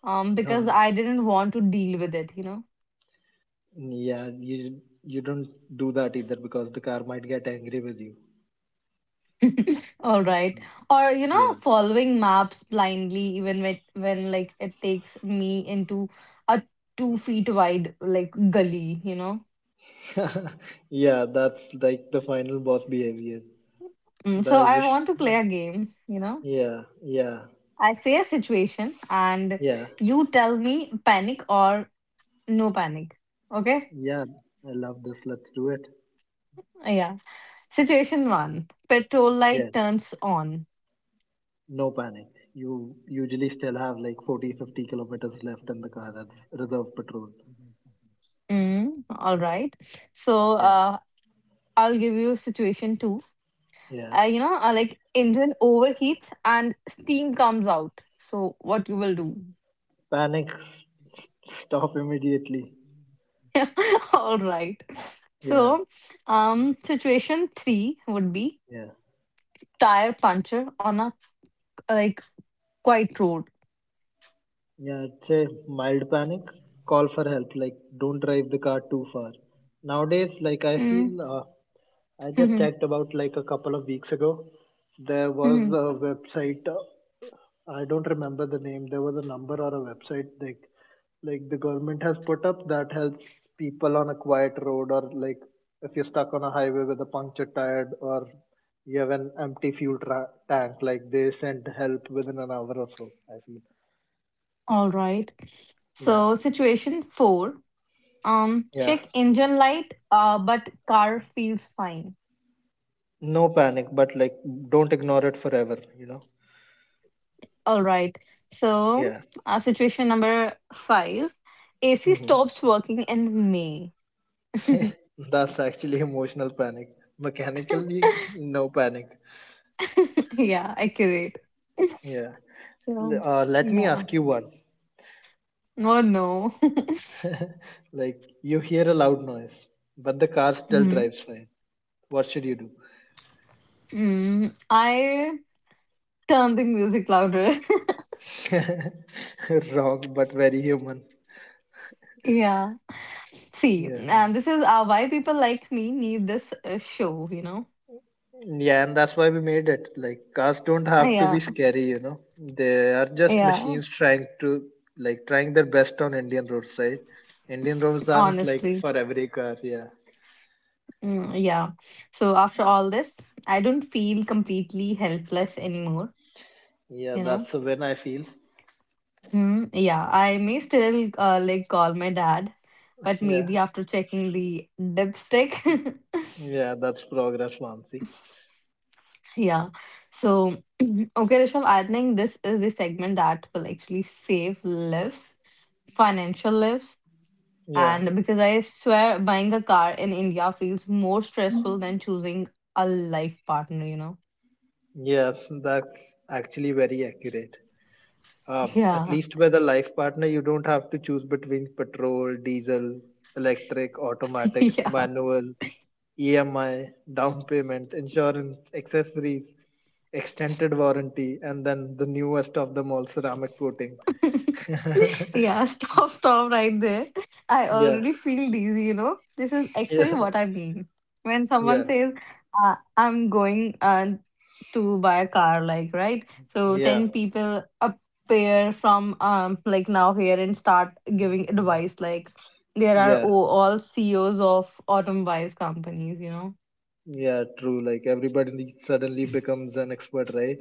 S1: because
S2: Uh,
S1: I didn't want to deal with it, you know.
S2: yeah, you don't do that either because the car might get angry with you.
S1: [LAUGHS] All right. Or you know,
S2: Yeah.
S1: following maps blindly, even when it takes me into a 2 feet wide like gully, you know.
S2: [LAUGHS] Yeah, that's like the final boss behavior.
S1: So
S2: The you
S1: I
S2: should,
S1: want to play a game, you know.
S2: yeah, yeah,
S1: I say a situation and
S2: yeah,
S1: you tell me panic or no panic. Okay?
S2: yeah. I love this. Let's do it.
S1: Yeah. Situation one. Petrol
S2: Yeah,
S1: light turns on.
S2: no panic. You usually still have like 40, 50 kilometers left in the car as reserve patrol.
S1: All right. So
S2: Yeah,
S1: I'll give you situation two.
S2: yeah.
S1: Like engine overheats and steam comes out. So what you will do?
S2: Panic. Stop immediately.
S1: [LAUGHS] All right.
S2: Yeah,
S1: So situation three would be
S2: yeah.
S1: tire puncture on a like quiet road.
S2: Yeah, it's a mild panic. Call for help. Like, don't drive the car too far. Nowadays, like, I feel,
S1: Mm,
S2: I just
S1: mhm,
S2: checked about like a couple of weeks ago. There was
S1: mhm.
S2: a website. I don't remember the name. There was a number or a website like the government has put up that helps people on a quiet road or like if you're stuck on a highway with a punctured tire or you have an empty fuel tank. Like, they send help within an hour or so. I feel.
S1: All right.
S2: Yeah.
S1: So situation four.
S2: Yeah.
S1: Check engine light. But car feels fine.
S2: No panic, but like don't ignore it forever, you know?
S1: All right. So,
S2: Yeah.
S1: situation number five, AC
S2: Hmm.
S1: stops working in May. [LAUGHS]
S2: [LAUGHS] That's actually emotional panic. Mechanically, no panic.
S1: Yeah, accurate. [LAUGHS]
S2: Yeah.
S1: So,
S2: Let me
S1: yeah.
S2: ask you one.
S1: Oh, no. [LAUGHS]
S2: Like, you hear a loud noise, but the car still
S1: Hmm.
S2: drives fine. What should you do?
S1: I turn the music louder.
S2: [LAUGHS] Wrong, but very human.
S1: [LAUGHS] Yeah. See,
S2: Yeah.
S1: and this is why people like me need this show, you know?
S2: Yeah, and that's why we made it. Like cars don't have to
S1: Yeah.
S2: be scary, you know. They are just
S1: Yeah.
S2: machines trying to trying their best on Indian roads, right? Indian roads aren't like
S1: Honestly.
S2: for every car, yeah.
S1: Yeah. So, after all this, I don't feel completely helpless anymore,
S2: Yeah,
S1: you know?
S2: that's when I feel.
S1: Yeah, I may still call my dad, but
S2: [LAUGHS] Yeah.
S1: maybe after checking the dipstick.
S2: Yeah, that's progress, Mansi.
S1: [LAUGHS] Yeah. So, [CLEARS THROAT] okay, Rishabh, I think this is the segment that will actually save lives, financial lives.
S2: Yeah.
S1: And because I swear buying a car in India feels more stressful than choosing a life partner, you know?
S2: Yeah, that's actually very accurate.
S1: [LAUGHS]
S2: At
S1: Yeah.
S2: least with a life partner, you don't have to choose between petrol, diesel, electric,
S1: [LAUGHS]
S2: automatic,
S1: Yeah.
S2: manual, EMI, down payment, insurance, accessories, extended warranty, and then the newest of them all, ceramic coating. [LAUGHS]
S1: [LAUGHS] Yeah, stop, stop right there. I
S2: yeah,
S1: already feel dizzy, you know. This is actually
S2: yeah,
S1: what I mean. When
S2: yeah,
S1: someone says, I'm going to buy a car, like, right? So
S2: yeah,
S1: 10 people appear from, now here and start giving advice. Like, there are
S2: yeah,
S1: o- all CEOs of automobiles companies, you know.
S2: yeah, true. Like everybody suddenly becomes an expert, right?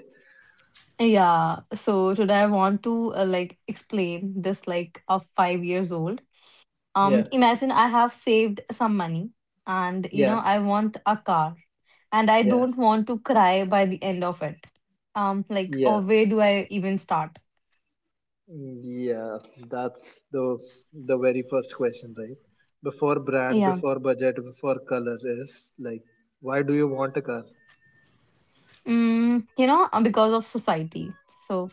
S1: Yeah, so today I want to explain this like a 5 years old.
S2: Yeah,
S1: Imagine I have saved some money and you know
S2: yeah,
S1: I want a car and I
S2: yeah,
S1: don't want to cry by the end of it, or
S2: yeah,
S1: where do I even start?
S2: yeah. That's the very first question, right? Before brand,
S1: Yeah.
S2: before budget, before color is like, why do you want a car?
S1: You know, because of society. So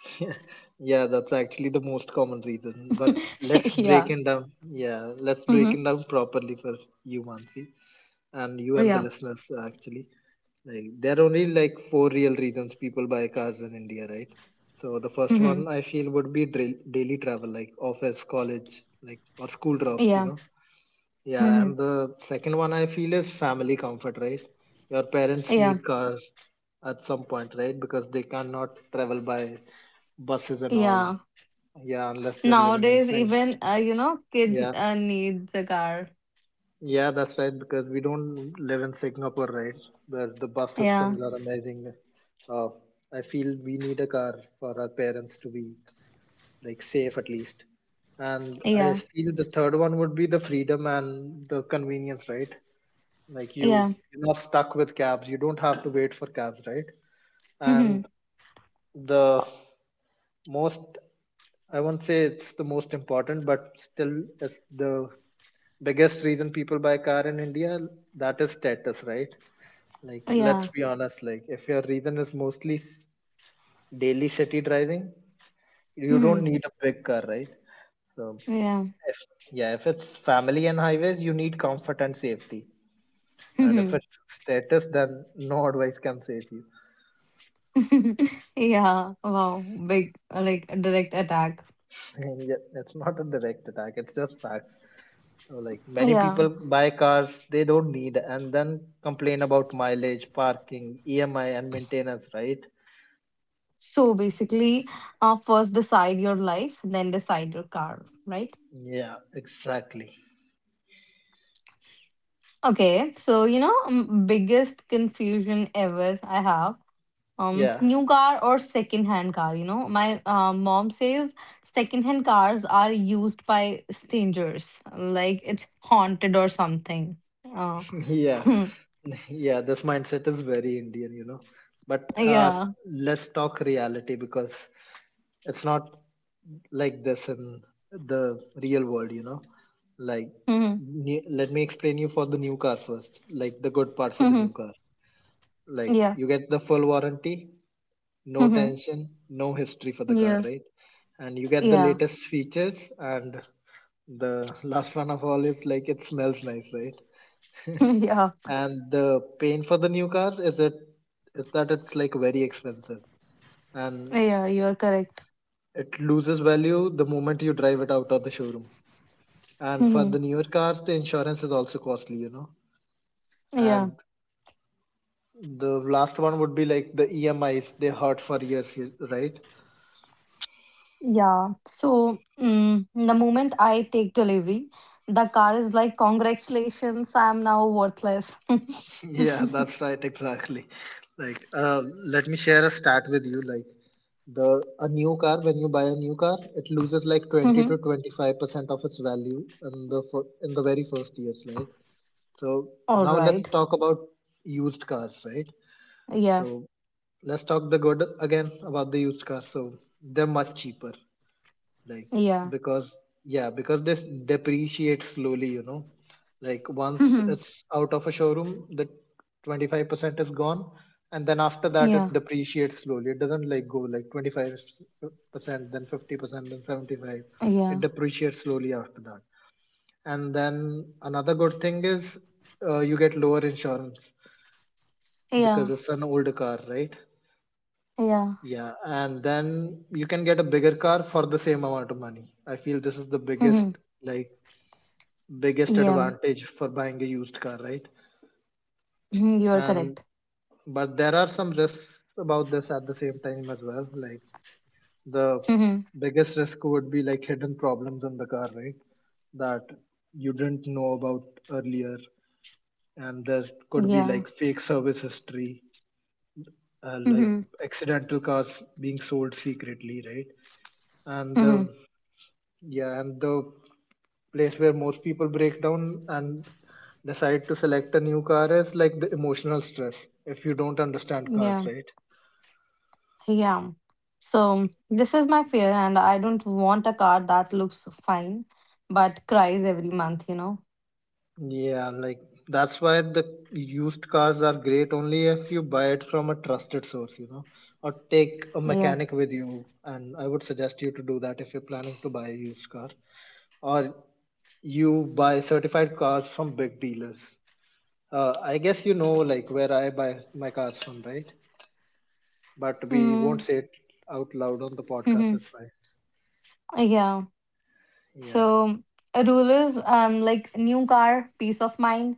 S2: [LAUGHS] Yeah, that's actually the most common reason. But let's
S1: [LAUGHS]
S2: break
S1: yeah.
S2: it down. Yeah, let's break
S1: Mm-hmm.
S2: it down properly for you, Mansi, and you and the
S1: Yeah.
S2: listeners actually. Like there are only like four real reasons people buy cars in India, right? So the first
S1: Mm-hmm.
S2: one I feel would be daily travel, like office, college, like or school drops, you
S1: Yeah.
S2: know. Yeah,
S1: Mm-hmm.
S2: and the second one I feel is family comfort, right? Your parents
S1: Yeah.
S2: need cars at some point, right? Because they cannot travel by buses and all,
S1: Yeah,
S2: yeah, unless they're living in
S1: nowadays
S2: sinks.
S1: even you know kids
S2: Yeah,
S1: needs a car.
S2: yeah, that's right. Because we don't live in Singapore, right? Where the bus
S1: Yeah.
S2: systems are amazing. Uh, I feel we need a car for our parents to be like safe at least. And I
S1: Yeah.
S2: feel the third one would be the freedom and the convenience, right? Like you,
S1: Yeah.
S2: you're not stuck with cabs. You don't have to wait for cabs, right?
S1: Mm-hmm.
S2: And the most, I won't say it's the most important, but still it's the biggest reason people buy car in India, that is status, right? Like, let's
S1: Yeah.
S2: be honest, like, if your reason is mostly daily city driving, you
S1: Mm-hmm.
S2: don't need a big car, right? So,
S1: Yeah.
S2: if, yeah, if it's family and highways, you need comfort and safety. And if
S1: Mm-hmm.
S2: it's status, then no advice can save you.
S1: [LAUGHS] Yeah, wow, big a direct attack.
S2: [LAUGHS] Yeah, it's not a direct attack, it's just facts. So, like, many
S1: Yeah.
S2: people buy cars they don't need and then complain about mileage, parking, EMI, and maintenance, right?
S1: So basically, first decide your life, then decide your car, right?
S2: Yeah, exactly.
S1: Okay, so you know, biggest confusion ever I have.
S2: Yeah,
S1: New car or second hand car, you know. My mom says second hand cars are used by strangers, like it's haunted or something. Uh,
S2: [LAUGHS] yeah,
S1: [LAUGHS]
S2: [LAUGHS] yeah. This mindset is very Indian, you know. But
S1: yeah.
S2: let's talk reality because it's not like this in the real world, you know. Like,
S1: [LAUGHS] yeah.
S2: let me explain you for the new car first, like the good part for the new
S1: [LAUGHS]
S2: car. Like,
S1: Yeah.
S2: you get the full warranty, no
S1: [LAUGHS]
S2: tension, no history for the car,
S1: Yeah.
S2: right? And you get the
S1: Yeah.
S2: latest features, and the last one of all is like it smells nice, right? [LAUGHS]
S1: [LAUGHS] Yeah,
S2: And the pain for the new car is that it's like very expensive, and
S1: yeah, you're correct.
S2: it loses value the moment you drive it out of the showroom, and for
S1: Mhm.
S2: the newer cars the insurance is also costly, you know.
S1: Yeah,
S2: And the last one would be like the EMIs, they hurt for years, right?
S1: yeah. So, the moment I take delivery, the car is like, Congratulations, I'm now worthless. [LAUGHS]
S2: Yeah, that's right, exactly. Like, let me share a stat with you. Like, the a new car, when you buy a new car, it loses like twenty to
S1: Mhm.
S2: twenty five percent of its value in the in the very first years, right? So
S1: All
S2: now let's
S1: right.
S2: talk about used cars, right?
S1: Yeah,
S2: So let's talk the good again about the used cars. So they're much cheaper, like
S1: yeah.
S2: because, yeah, because this depreciates slowly, you know. Like once
S1: Mhm.
S2: it's out of a showroom the 25% is gone, and then after that
S1: Yeah,
S2: it depreciates slowly. It doesn't like go like 25%, then 50%, then 75. It
S1: yeah,
S2: depreciates slowly after that. And then another good thing is, you get lower insurance
S1: yeah,
S2: because it's an older car, right?
S1: yeah.
S2: Yeah, and then you can get a bigger car for the same amount of money. I feel this is the biggest,
S1: Mhm.
S2: like, biggest
S1: Yeah,
S2: advantage for buying a used car, right?
S1: Mhm. you're
S2: And
S1: correct.
S2: but there are some risks about this at the same time as well. Like the
S1: Mhm.
S2: biggest risk would be like hidden problems in the car, right? That you didn't know about earlier, and there could be
S1: Yeah,
S2: like fake service history, like
S1: Mhm.
S2: accidental cars being sold secretly, right? And the
S1: Mhm.
S2: Yeah, and the place where most people break down and decide to select a new car is like the emotional stress if you don't understand cars,
S1: Yeah.
S2: right?
S1: Yeah. So this is my fear, and I don't want a car that looks fine but cries every month, you know?
S2: Yeah, like that's why the used cars are great only if you buy it from a trusted source, you know, or take a
S1: Yeah.
S2: mechanic with you. And I would suggest you to do that if you're planning to buy a used car, or you buy certified cars from big dealers. I guess you know like where I buy my cars from, right? But we
S1: Mm.
S2: won't say it out loud on the
S1: [LAUGHS]
S2: podcast.
S1: Hmm.
S2: It's fine.
S1: Yeah.
S2: Yeah,
S1: So a rule is new car, peace of mind,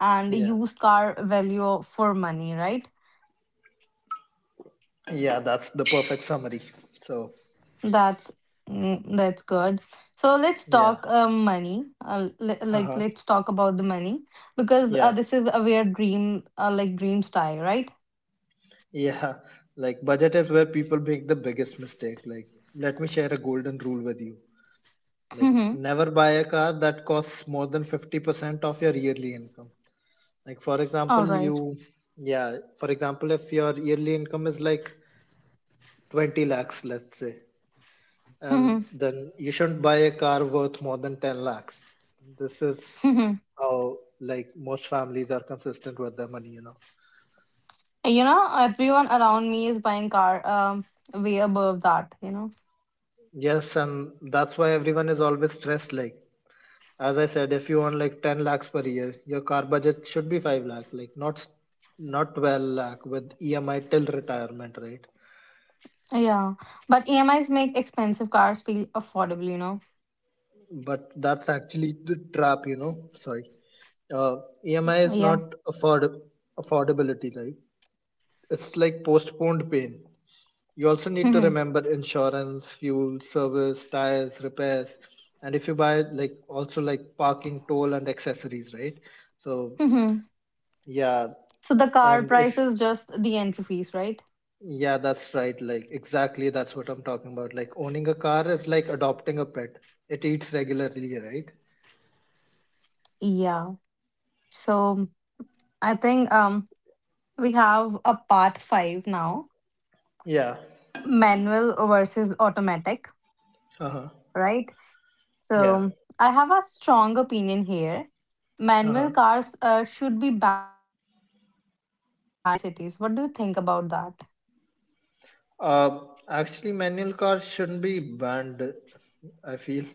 S1: and
S2: yeah,
S1: used car value for money, right?
S2: yeah. That's the perfect summary. So
S1: That's that's good. So let's
S2: yeah,
S1: talk money.
S2: uh huh,
S1: Let's talk about the money because
S2: yeah,
S1: this is a weird dream dreams tie, right?
S2: yeah. Like budget is where people make the biggest mistake. Like let me share a golden rule with you. Like
S1: [LAUGHS]
S2: never buy a car that costs more than 50% of your yearly income. Like for
S1: All
S2: example,
S1: right.
S2: you, yeah. For example, if your yearly income is like 20 lakhs, let's say,
S1: Hmm.
S2: and then you shouldn't buy a car worth more than 10 lakhs. This is
S1: Hmm.
S2: how like most families are consistent with their money, you know.
S1: [LAUGHS] You know, everyone around me is buying car way above that, you know.
S2: Yes, and that's why everyone is always stressed. Like as I said, if you want like 10 lakhs per year, your car budget should be 5 lakh, like not 12 lakh with EMI till retirement, right?
S1: Yeah. But EMIs make expensive cars feel affordable, you know.
S2: But that's actually the trap, you know. Sorry. Uh, EMI is
S1: Yeah.
S2: not affordability, right? It's like postponed pain. You also need to
S1: Hmm.
S2: remember insurance, fuel, service, tires, repairs, and if you buy like also like parking, toll, and accessories, right? So
S1: Hmm.
S2: yeah,
S1: So the car
S2: and
S1: price
S2: if,
S1: is just the entry fees, right?
S2: yeah, that's right. Like exactly, that's what I'm talking about. Like owning a car is like adopting a pet. It eats regularly, right?
S1: Yeah. So I think we have a part 5 now,
S2: Yeah.
S1: manual versus automatic,
S2: Uh huh.
S1: right?
S2: Yeah.
S1: So I have a strong opinion here.
S2: Uh-huh.
S1: Manual cars should be banned in cities. What do you think about that?
S2: Uh huh. Actually, manual cars shouldn't be banned. I feel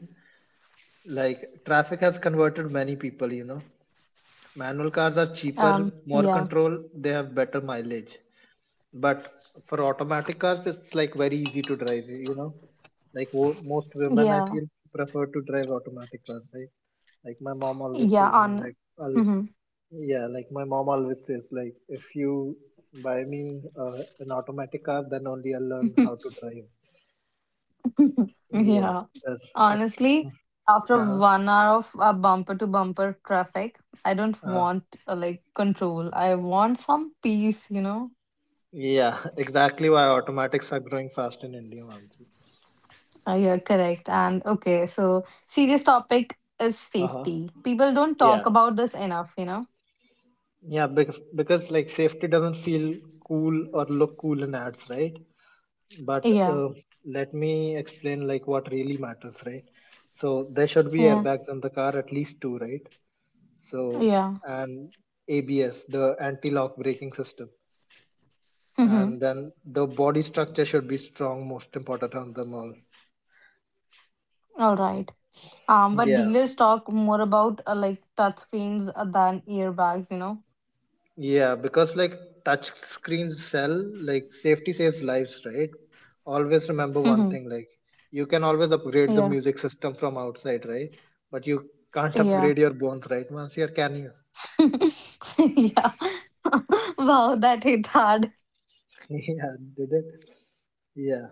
S2: like traffic has converted many people, you know. Manual cars are
S1: Um,
S2: cheaper,
S1: yeah,
S2: more control, they have better mileage. But for automatic cars, it's like very easy to drive, you know. Like most women,
S1: yeah,
S2: I feel, prefer to drive automatic cars, right? Like my mom always
S1: yeah,
S2: says me,
S1: on,
S2: like, I'll,
S1: mhm.
S2: yeah, like my mom always says, like, if you buy me an automatic car, then only I'll learn how to
S1: [LAUGHS]
S2: drive. Yeah,
S1: Yeah.
S2: that's
S1: Honestly, after
S2: uh-huh,
S1: 1 hour of bumper to bumper traffic, I don't
S2: uh,
S1: want control. I want some peace, you know?
S2: yeah, [LAUGHS] exactly why automatics are growing fast in India, Mansi.
S1: Yeah, correct. And okay, so serious topic is
S2: Uh-huh.
S1: safety. People don't talk
S2: Yeah,
S1: about this enough, you know?
S2: yeah, because like safety doesn't feel cool or look cool in ads, right? But
S1: Yeah,
S2: let me explain like what really matters, right? So there should be
S1: yeah,
S2: airbags in the car, at least two, right? So
S1: yeah.
S2: and ABS, the anti-lock braking system,
S1: Mm-hmm.
S2: and then the body structure should be strong, most important on them all.
S1: All right. But
S2: Yeah,
S1: dealers talk more about touch screens than earbags, you know?
S2: yeah, because like touch screens sell, like safety saves lives, right? Always remember one
S1: hmm
S2: thing, like you can always upgrade the
S1: Yeah.
S2: music system from outside, right? But you can't
S1: Yeah.
S2: upgrade your bones, right, Monsieur? Can you?
S1: [LAUGHS] yeah. [LAUGHS] Wow, that hit hard.
S2: [LAUGHS] Yeah, did it? Yeah,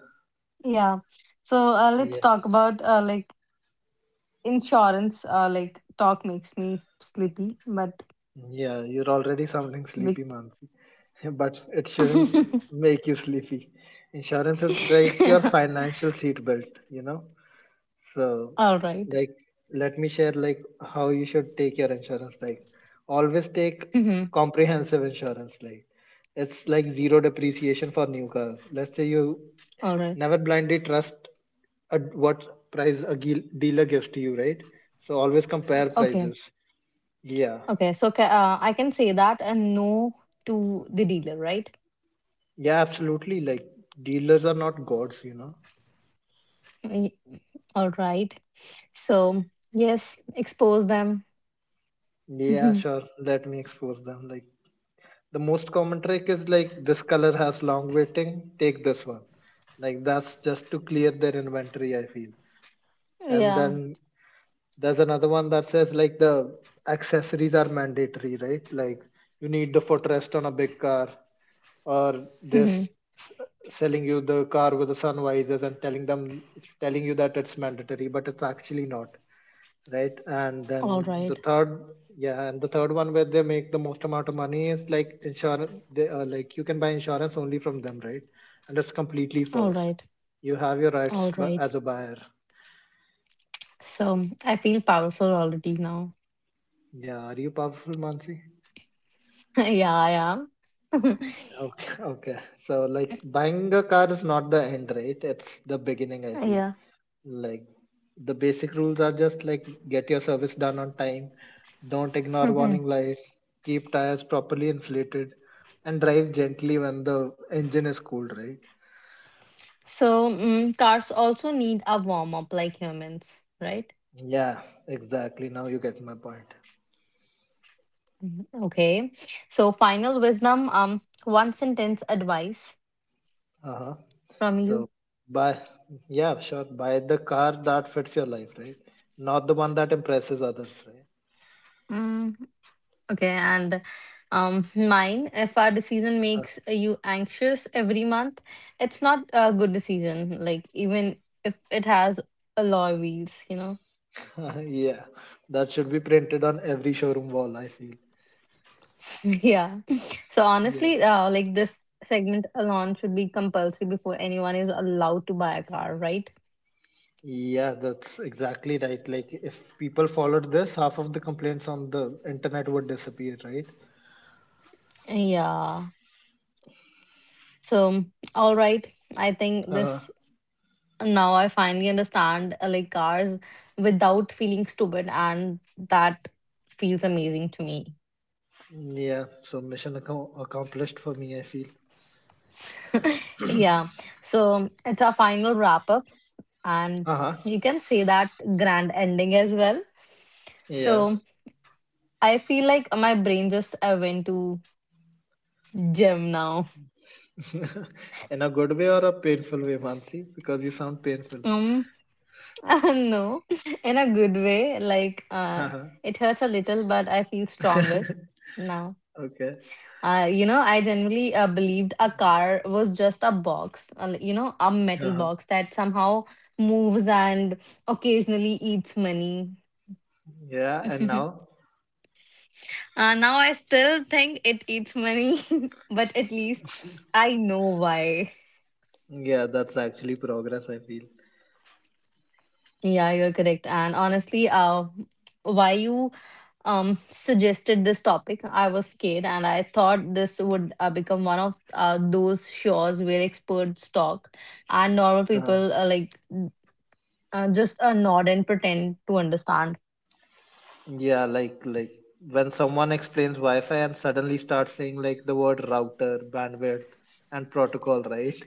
S1: Yeah. So let's
S2: yeah,
S1: talk about like insurance. Like talk makes me sleepy, but
S2: yeah. You're already sounding sleepy,
S1: we.
S2: Mansi. [LAUGHS] But it
S1: [LAUGHS]
S2: shouldn't make you sleepy. Insurance is like your financial seatbelt, you know? So,
S1: All right.
S2: like, let me share like how you should take your insurance. Like, always take
S1: Mm-hmm.
S2: comprehensive insurance. Like, it's like zero depreciation for new cars. Let's say you
S1: All right.
S2: never blindly trust what price a dealer gives to you, right? So always compare
S1: Okay.
S2: prices. Yeah,
S1: Okay. So I can say that a no to the dealer, right?
S2: yeah, absolutely. Like, dealers are not gods, you know.
S1: Y- All right. So yes, expose them. [LAUGHS]
S2: Yeah,
S1: yeah.
S2: sure. Let me expose them. Like. The most common trick is like, "This color has long waiting, take this one." Like, that's just to clear their inventory, I feel. And then there's another one that says like the accessories are mandatory, right? Like you need the footrest on a big car, or
S1: Mhm.
S2: this selling you the car with the sun visors and telling you that it's mandatory, but it's actually not, right? And then
S1: All
S2: the
S1: right.
S2: third, yeah, and the third one where they make the most amount of money is like insurance. They, like, you can buy insurance only from them, right? And that's completely
S1: All
S2: false.
S1: right.
S2: You have your
S1: All
S2: rights
S1: right.
S2: as a buyer.
S1: So I feel powerful already now.
S2: Yeah, are you powerful, Mansi?
S1: [LAUGHS] yeah, I am. [LAUGHS]
S2: Okay, [LAUGHS] okay. So like buying a car is not the end, right? It's the beginning, I feel.
S1: yeah.
S2: Like, the basic rules are just like get your service done on time, don't ignore warning
S1: [LAUGHS]
S2: lights, keep tires properly inflated, and drive gently when the engine is cooled, right?
S1: So cars also need a warm up like humans, right?
S2: Yeah, exactly, now you get my point.
S1: Mhm. Okay. So final wisdom. One sentence advice
S2: Uh-huh.
S1: from
S2: So
S1: you.
S2: buy, yeah, sure, buy the car that fits your life, right? Not the one that impresses others, right?
S1: Mm, okay, and mine. If a decision makes you anxious every month, it's not a good decision. Like even if it has alloy wheels, you know.
S2: [LAUGHS] Yeah, that should be printed on every showroom wall, I feel.
S1: Yeah. [LAUGHS] So
S2: Yeah.
S1: honestly, like this segment alone should be compulsory before anyone is allowed to buy a car, right?
S2: Yeah, that's exactly right. Like, if people followed this, half of the complaints on the internet would disappear, right?
S1: Yeah. So, all right. I think
S2: Uh,
S1: this Now I finally understand like cars without feeling stupid, and that feels amazing to me.
S2: yeah, so mission accomplished for me, I feel.
S1: Yeah. So it's our final wrap up, and
S2: Uh huh.
S1: you can say that grand ending as well.
S2: Yeah.
S1: So I feel like my brain just went to gym now.
S2: [LAUGHS] In a good way or a painful way, Mansi? Because you sound painful.
S1: Um, [LAUGHS] no, [LAUGHS] in a good way. Like,
S2: Uh-huh.
S1: it hurts a little, but I feel stronger
S2: [LAUGHS]
S1: now.
S2: Okay.
S1: You know, I generally believed a car was just a box, you know, a metal
S2: Uh-huh.
S1: box that somehow moves and occasionally eats money.
S2: Yeah, and
S1: [LAUGHS] uh,
S2: now?
S1: Now I still think it eats money, [LAUGHS] but at least I know why.
S2: Yeah, that's actually progress, I feel.
S1: Yeah, you're correct. And honestly, why you suggested this topic, I was scared and I thought this would become one of those shows where experts talk and normal
S2: Uh-huh.
S1: people like just nod and pretend to understand.
S2: Yeah, like when someone explains Wi-Fi and suddenly starts saying like the word router, bandwidth, and protocol, right?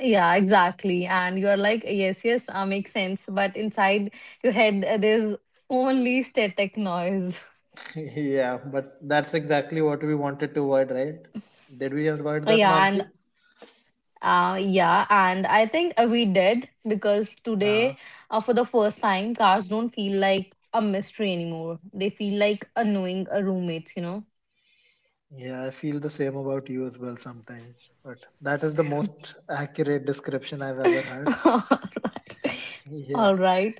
S1: Yeah, exactly. And you're like, yes, yes, makes sense. But inside your head, there's only static noise. [LAUGHS]
S2: [LAUGHS] Yeah, but that's exactly what we wanted to avoid, right? Did we avoid that,
S1: Yeah, and.
S2: Mansi?
S1: Yeah, and I think we did because
S2: uh
S1: today, for the first time, cars don't feel like a mystery anymore. They feel like a knowing a roommates, you know.
S2: Yeah, I feel the same about you as well sometimes. But that is the most accurate description I've ever heard.
S1: [LAUGHS]
S2: [LAUGHS] Yeah,
S1: All right.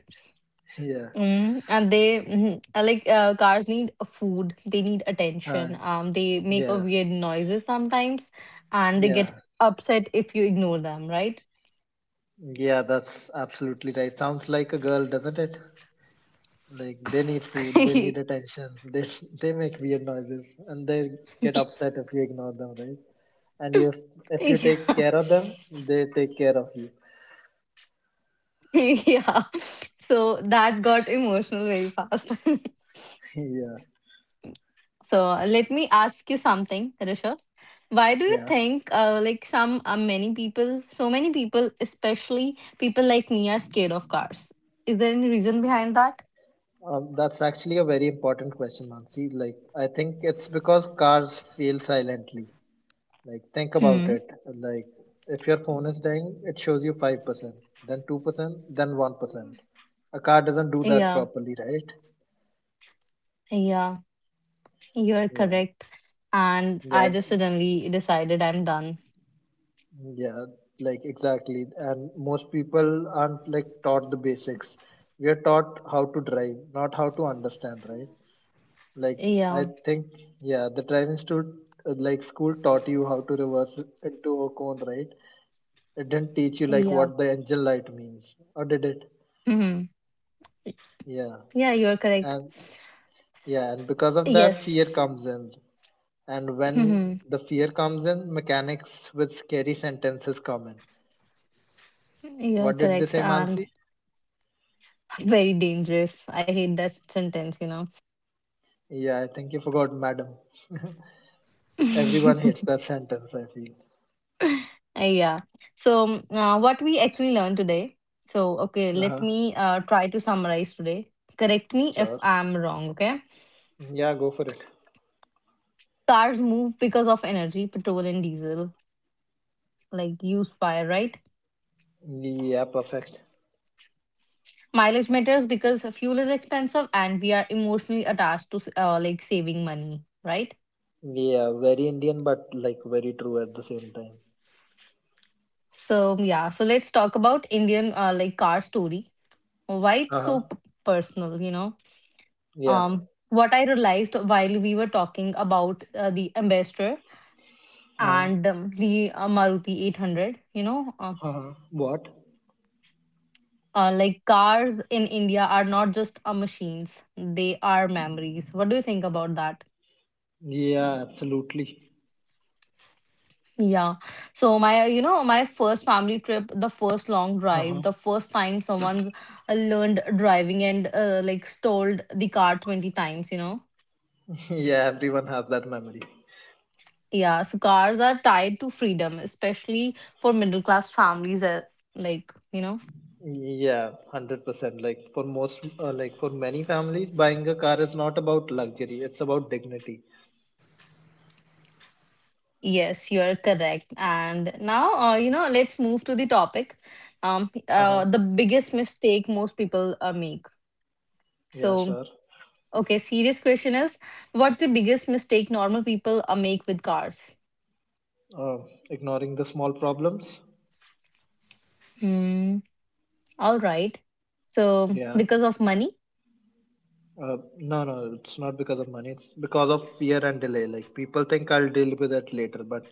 S2: yeah,
S1: Mm, and they like cars need food. They need
S2: uh,
S1: attention. They make a
S2: yeah,
S1: weird noises sometimes, and they get
S2: yeah,
S1: upset if you ignore them, right?
S2: yeah. That's absolutely right. Sounds like a girl, doesn't it? Like they need food, they need
S1: [LAUGHS]
S2: attention, [LAUGHS] they make weird noises, and they get upset if you ignore them, right? And if you
S1: Yeah,
S2: take care of them, they take care of you.
S1: [LAUGHS] yeah. So that got emotional very fast. [LAUGHS]
S2: [LAUGHS] Yeah,
S1: So let me ask you something, Rishabh. Why do you
S2: yeah.
S1: think, like some many people, so many people, especially people like me, are scared of cars? Is there any reason behind that?
S2: That's actually a very important question, Mansi. Like, I think it's because cars fail silently. Like think about
S1: Hmm.
S2: it. Like if your phone is dying, it shows you 5%, then 2%, then 1%. A car doesn't do that
S1: Yeah.
S2: properly, right?
S1: Yeah. You're
S2: Yeah,
S1: correct. And I
S2: yeah.
S1: just suddenly decided I'm done.
S2: Yeah, like exactly. And most people aren't like taught the basics. We are taught how to drive, not how to understand, right? Like I
S1: Yeah.
S2: think, yeah, the driving school, like school taught you how to reverse into a cone, right? It didn't teach you like
S1: Yeah.
S2: what the engine light means, or did it?
S1: hmm
S2: Yeah,
S1: Yeah. You're correct.
S2: and yeah, and because of that, fear
S1: Yes.
S2: comes in. And when
S1: hmm
S2: the fear comes in, mechanics with scary sentences come in.
S1: You're
S2: What did they
S1: correct.
S2: say,
S1: And
S2: Mansi?
S1: very dangerous. I hate that sentence. You
S2: Yeah, I think you forgot, madam. [LAUGHS]
S1: know.
S2: Everyone hates
S1: [LAUGHS]
S2: that sentence, I feel.
S1: Yeah. So, what we actually learned today. So, okay, let
S2: Uh-huh.
S1: me try to summarize today. Correct me if
S2: Sure.
S1: I'm wrong, okay?
S2: Yeah, go for it.
S1: Cars move because of energy, petrol and diesel, like you fire, right?
S2: Yeah, perfect.
S1: Mileage matters because fuel is expensive and we are emotionally attached to like saving money, right?
S2: Yeah, very Indian but like very true at the same time.
S1: So, yeah. So, let's talk about Indian like car story. Why it's
S2: Uh-huh.
S1: so personal, you know?
S2: Yeah.
S1: What I realized while we were talking about the ambassador
S2: Uh-huh.
S1: and the Maruti 800. You know,
S2: Uh-huh. What?
S1: like cars in India are not just machines; they are memories. What do you think about that?
S2: Yeah, absolutely.
S1: Yeah. So my, you know, my first family trip, the first long drive,
S2: Uh-huh.
S1: the first time someone's learned driving and like stalled the car 20 times, you know.
S2: [LAUGHS] Yeah, everyone has that memory.
S1: Yeah, so cars are tied to freedom, especially for middle class families, like, you know.
S2: Yeah, 100%. Like for most, like for many families, buying a car is not about luxury, it's about dignity.
S1: Yes, you are correct. And now, you know, let's move to the topic.
S2: Uh-huh.
S1: The biggest mistake most people make.
S2: Yeah,
S1: So,
S2: sure.
S1: okay, serious question is, what's the biggest mistake normal people make with cars?
S2: Uh, Ignoring the small problems.
S1: Hmm. All right. So,
S2: Yeah.
S1: because of money.
S2: No, no, it's not because of money. It's because of fear and delay. Like people think I'll deal with it later, but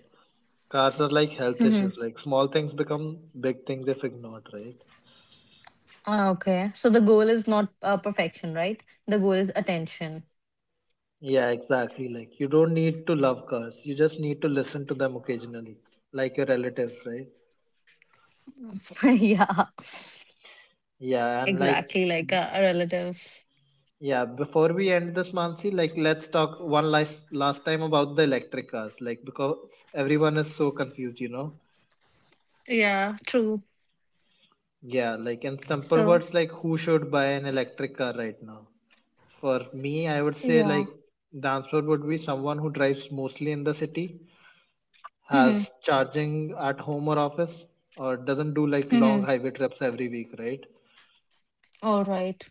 S2: cars are like health
S1: Mhm.
S2: issues. Like small things become big things if ignored, right?
S1: Ah, okay. So the goal is not perfection, right? The goal is attention.
S2: Yeah, exactly. Like you don't need to love cars. You just need to listen to them occasionally, like your relatives, right?
S1: [LAUGHS] yeah.
S2: Yeah, and like
S1: Exactly. Like a relative.
S2: yeah, before we end this, Mansi, like let's talk one last time about the electric cars, like because everyone is so confused, you know.
S1: Yeah. True.
S2: Yeah, like in simple
S1: So.
S2: words, like who should buy an electric car right now? For me, I would say
S1: Yeah.
S2: like the answer would be someone who drives mostly in the city,
S1: Mm-hmm.
S2: has charging at home or office, or doesn't do like
S1: Mm-hmm.
S2: long highway trips every week, right?
S1: All right.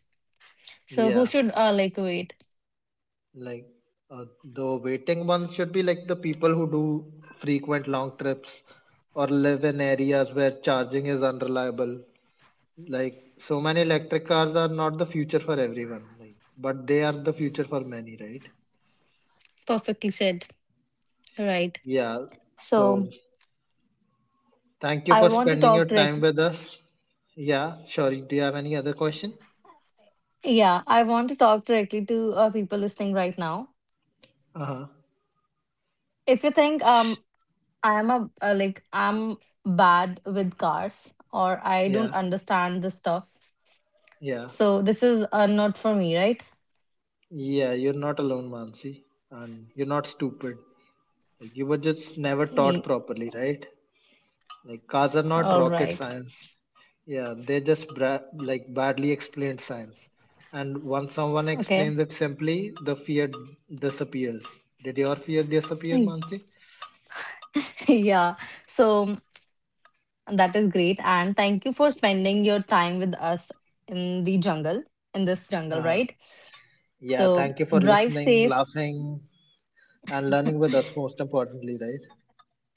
S1: So who
S2: Yeah,
S1: should like wait?
S2: like the waiting ones should be like the people who do frequent long trips or live in areas where charging is unreliable. Like so many electric cars are not the future for everyone, like, but they are the future for many, right?
S1: Perfectly said. Right.
S2: Yeah.
S1: So
S2: So thank you
S1: I
S2: for
S1: want to
S2: spending
S1: talk
S2: your time
S1: directly.
S2: with us. Yeah, sure. Do you have any other question?
S1: Yeah, I want to talk directly to people listening right now.
S2: Uh-huh.
S1: If you think I am a I'm bad with cars or I don't
S2: Yeah,
S1: understand this stuff,
S2: yeah.
S1: so this is not for me, right?
S2: Yeah, you're not alone, Mansi. And you're not stupid. Like, you were just never taught
S1: Eh,
S2: properly, right? Like cars are not
S1: All
S2: rocket
S1: right.
S2: science. Yeah, they just like badly explained science. And once someone
S1: Okay.
S2: explains it simply, the fear disappears. Did your fear disappear,
S1: [LAUGHS]
S2: Mansi?
S1: yeah. So that is great, and thank you for spending your time with us in the jungle in this jungle,
S2: Uh,
S1: right?
S2: yeah,
S1: So
S2: thank you for
S1: drive
S2: listening,
S1: safe.
S2: laughing, and learning with us, most importantly, right?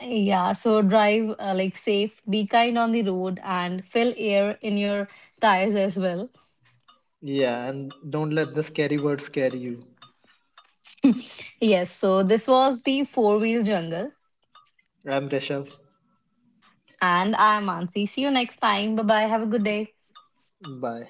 S1: Yeah, so drive like safe, be kind on the road and fill air in your tires as well.
S2: Yeah, and don't let the scary words scare you.
S1: [LAUGHS] yes, so this was the four-wheel jungle
S2: I'm Rishabh.
S1: and I'm Ansi. See you next time. Bye bye. Have a good day.
S2: Bye.